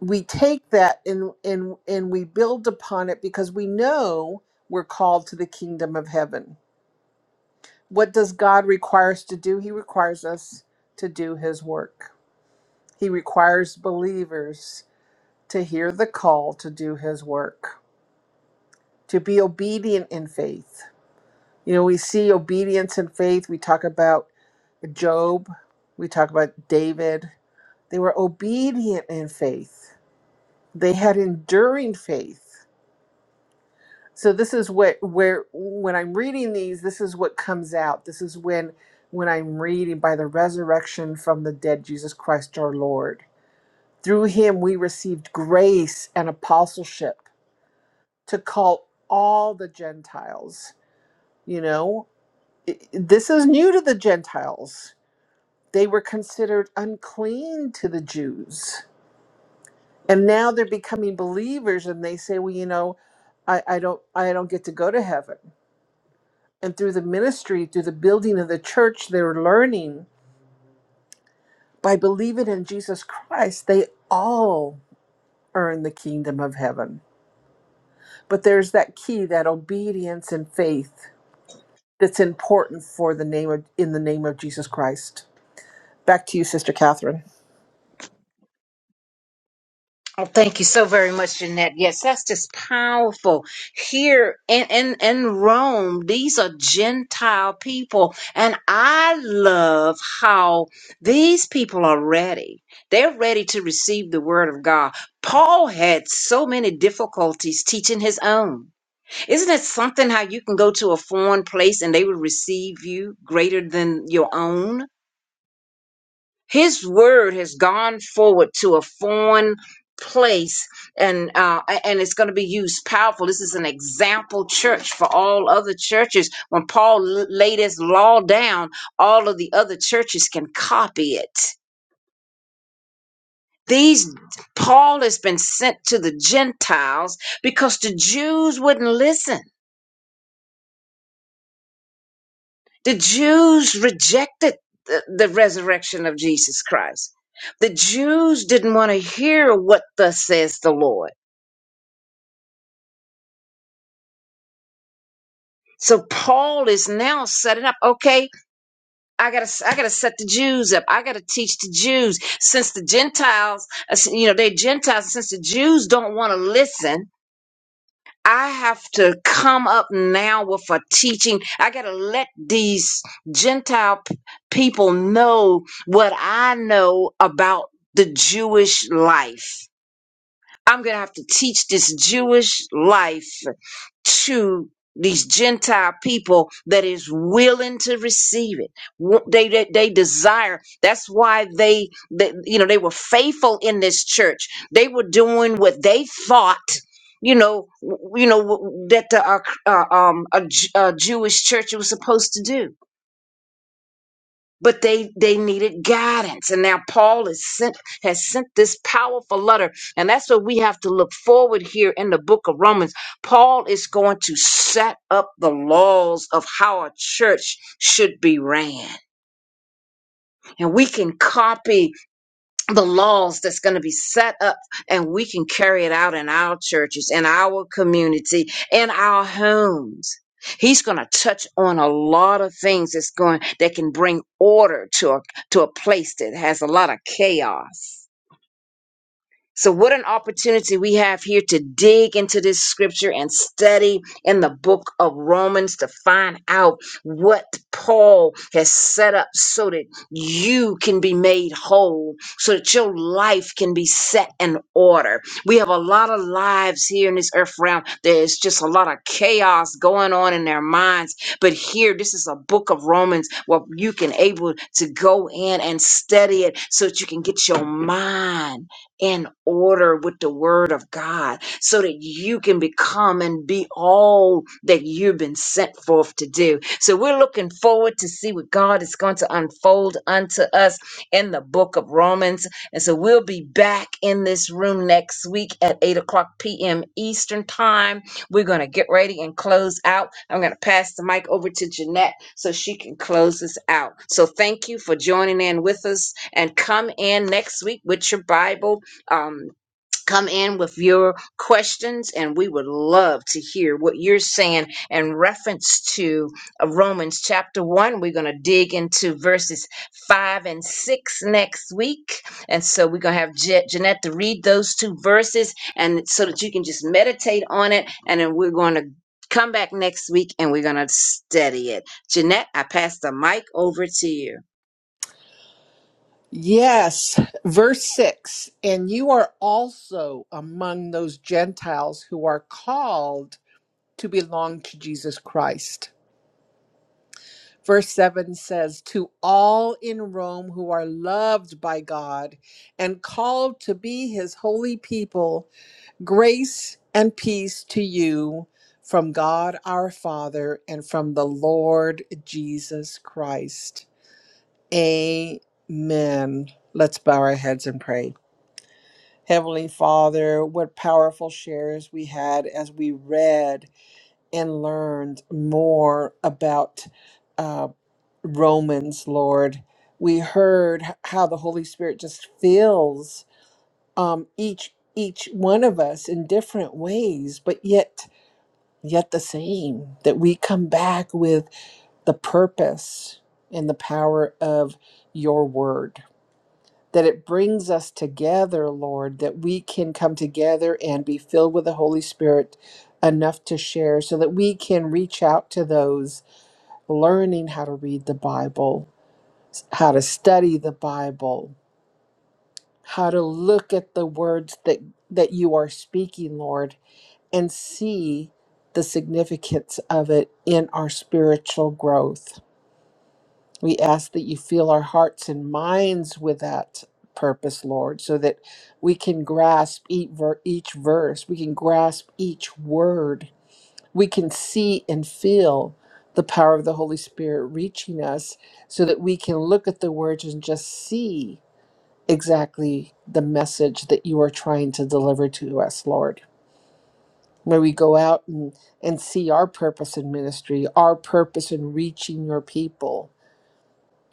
We take that and and and we build upon it because we know we're called to the kingdom of heaven. What does God require us to do? He requires us to do his work. He requires believers to hear the call to do his work, to be obedient in faith You know, we see obedience and faith. We talk about Job, we talk about David. They were obedient in faith. They had enduring faith. So this is what where when I'm reading these, this is what comes out. This is when when I'm reading by the resurrection from the dead Jesus Christ our Lord. Through him we received grace and apostleship to call all the Gentiles. You know, it- this is new to the Gentiles they were considered unclean to the Jews. And now they're becoming believers and they say, well, you know, I, I don't I don't get to go to heaven. And through the ministry, through the building of the church, they're learning by believing in Jesus Christ, they all earn the kingdom of heaven. But there's that key, that obedience and faith that's important for the name of in the name of Jesus Christ. Back to you, Sister Catherine.
Oh, thank you so very much, Jeanette. Yes, that's just powerful. Here in, in, in Rome, these are Gentile people. And I love how these people are ready. They're ready to receive the word of God. Paul had so many difficulties teaching his own. Isn't it something how you can go to a foreign place and they will receive you greater than your own? his word has gone forward to a foreign place and uh and it's going to be used powerful this is an example church for all other churches when paul l- laid his law down all of the other churches can copy it these paul has been sent to the gentiles because the jews wouldn't listen the jews rejected the, the resurrection of jesus christ the jews didn't want to hear what thus says the lord So Paul is now setting up. Okay, I gotta, I gotta set the Jews up. I gotta teach the Jews since the Gentiles, uh, you know, they Gentiles. Since the Jews don't want to listen, I have to come up now with a teaching. I gotta let these Gentile p- people know what I know about the Jewish life. I'm going to have to teach this Jewish life to these Gentile people that is willing to receive it. Wa- They, they, they desire. That's why they, they, you know, they were faithful in this church. They were doing what they thought, you know, w- you know, w- that the, uh, uh, um, a, Ju- a Jewish church was supposed to do but they they needed guidance and now paul is sent has sent this powerful letter and that's what we have to look forward here in the book of romans paul is going to set up the laws of how a church should be ran and we can copy the laws that's going to be set up and we can carry it out in our churches, in our community, in our homes. He's going to touch on a lot of things that's going that can bring order to a to a place that has a lot of chaos. So, what an opportunity we have here to dig into this scripture and study in the book of Romans to find out what Paul has set up so that you can be made whole, so that your life can be set in order. We have a lot of lives here in this earth realm. There's just a lot of chaos going on in their minds. But here, this is a book of Romans where you can able to go in and study it so that you can get your mind in order with the word of God so that you can become and be all that you've been sent forth to do. So we're looking forward to see what God is going to unfold unto us in the book of Romans. And so we'll be back in this room next week at 8 o'clock p.m. Eastern time. We're going to get ready and close out. I'm going to pass the mic over to Jeanette so she can close us out. So thank you for joining in with us and come in next week with your Bible um, come in with your questions, and we would love to hear what you're saying in reference to uh, Romans chapter 1. We're going to dig into verses 5 and 6 next week. And so we're going to have Je- Jeanette to read those two verses and so that you can just meditate on it. And then we're going to come back next week and we're going to study it. Jeanette, I pass the mic over to you.
Yes, verse 6 And you are also among those Gentiles who are called to belong to Jesus Christ. Verse 7 says, To all in Rome who are loved by God and called to be his holy people, grace and peace to you from God our Father and from the Lord Jesus Christ. Amen. Let's bow our heads and pray. Heavenly Father, what powerful shares we had as we read and learned more about uh, Romans, Lord. We heard h- how the Holy Spirit just fills um, each each one of us in different ways, but yet yet the same. That we come back with the purpose and the power of your word that it brings us together, Lord, that we can come together and be filled with the Holy Spirit enough to share so that we can reach out to those learning how to read the Bible, how to study the Bible, how to look at the words that, that you are speaking, Lord, and see the significance of it in our spiritual growth. We ask that you fill our hearts and minds with that purpose, Lord, so that we can grasp each, ver- each verse, we can grasp each word, we can see and feel the power of the Holy Spirit reaching us so that we can look at the words and just see exactly the message that you are trying to deliver to us, Lord. May we go out and, and see our purpose in ministry, our purpose in reaching your people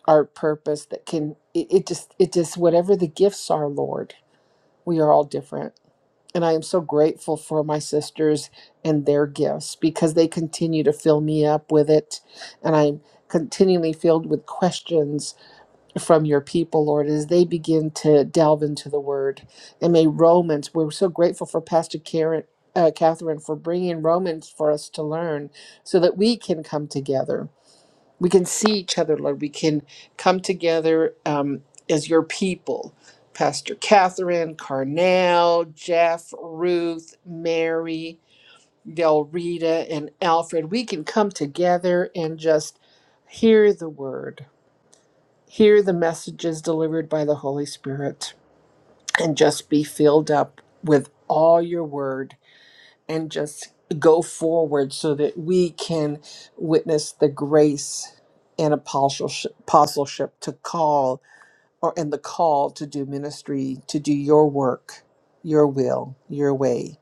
our purpose that can it, it just it just whatever the gifts are lord we are all different and i am so grateful for my sisters and their gifts because they continue to fill me up with it and i'm continually filled with questions from your people lord as they begin to delve into the word and may romans we're so grateful for pastor karen uh, catherine for bringing romans for us to learn so that we can come together we can see each other, Lord. We can come together um, as your people. Pastor Catherine, Carnell, Jeff, Ruth, Mary, Del Rita, and Alfred. We can come together and just hear the word, hear the messages delivered by the Holy Spirit, and just be filled up with all your word and just go forward so that we can witness the grace and apostleship, apostleship to call or and the call to do ministry to do your work your will your way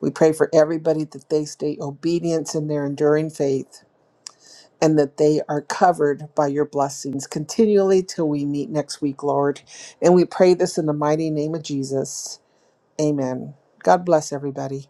we pray for everybody that they stay obedient in their enduring faith and that they are covered by your blessings continually till we meet next week lord and we pray this in the mighty name of jesus amen god bless everybody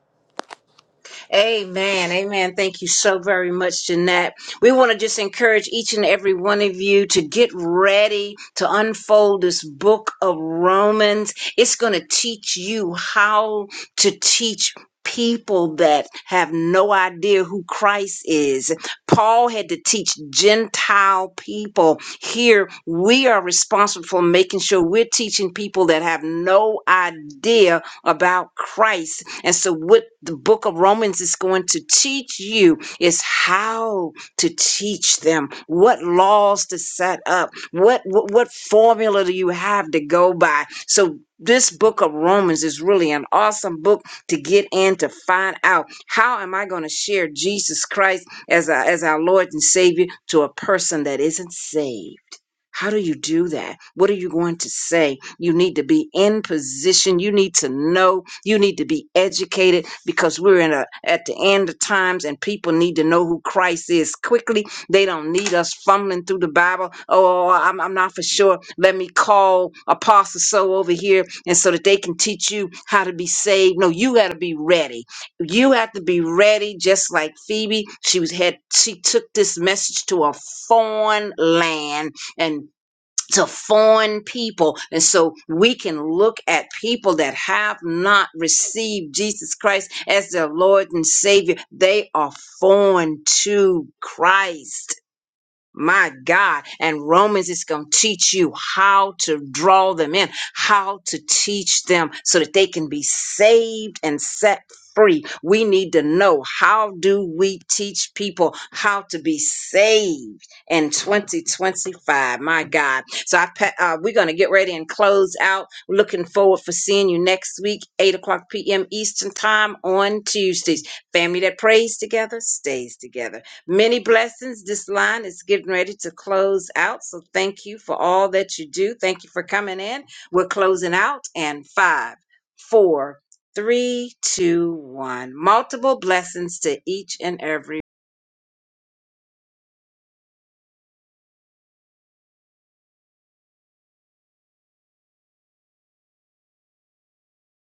Amen. Amen. Thank you so very much, Jeanette. We want to just encourage each and every one of you to get ready to unfold this book of Romans. It's going to teach you how to teach people that have no idea who Christ is. Paul had to teach Gentile people. Here, we are responsible for making sure we're teaching people that have no idea about Christ and so, what the book of Romans is going to teach you is how to teach them, what laws to set up, what, what, what formula do you have to go by. So, this book of Romans is really an awesome book to get in to find out how am I going to share Jesus Christ as, our as our Lord and Savior to a person that isn't saved. How do you do that? What are you going to say? You need to be in position. You need to know. You need to be educated because we're in a at the end of times and people need to know who Christ is quickly. They don't need us fumbling through the Bible. Oh, I'm, I'm not for sure. Let me call Apostle So over here and so that they can teach you how to be saved. No, you got to be ready. You have to be ready, just like Phoebe. She was had she took this message to a foreign land and to foreign people. And so we can look at people that have not received Jesus Christ as their Lord and Savior. They are foreign to Christ. My God. And Romans is going to teach you how to draw them in, how to teach them so that they can be saved and set free. We need to know how do we teach people how to be saved in 2025. My God. So I pa- uh, we're going to get ready and close out. Looking forward for seeing you next week, 8 o'clock p.m. Eastern time on Tuesdays. Family that prays together stays together. Many blessings. This line is getting ready to close out. So thank you for all that you do. Thank you for coming in. We're closing out and five, four, three, two, one. Multiple blessings to each and every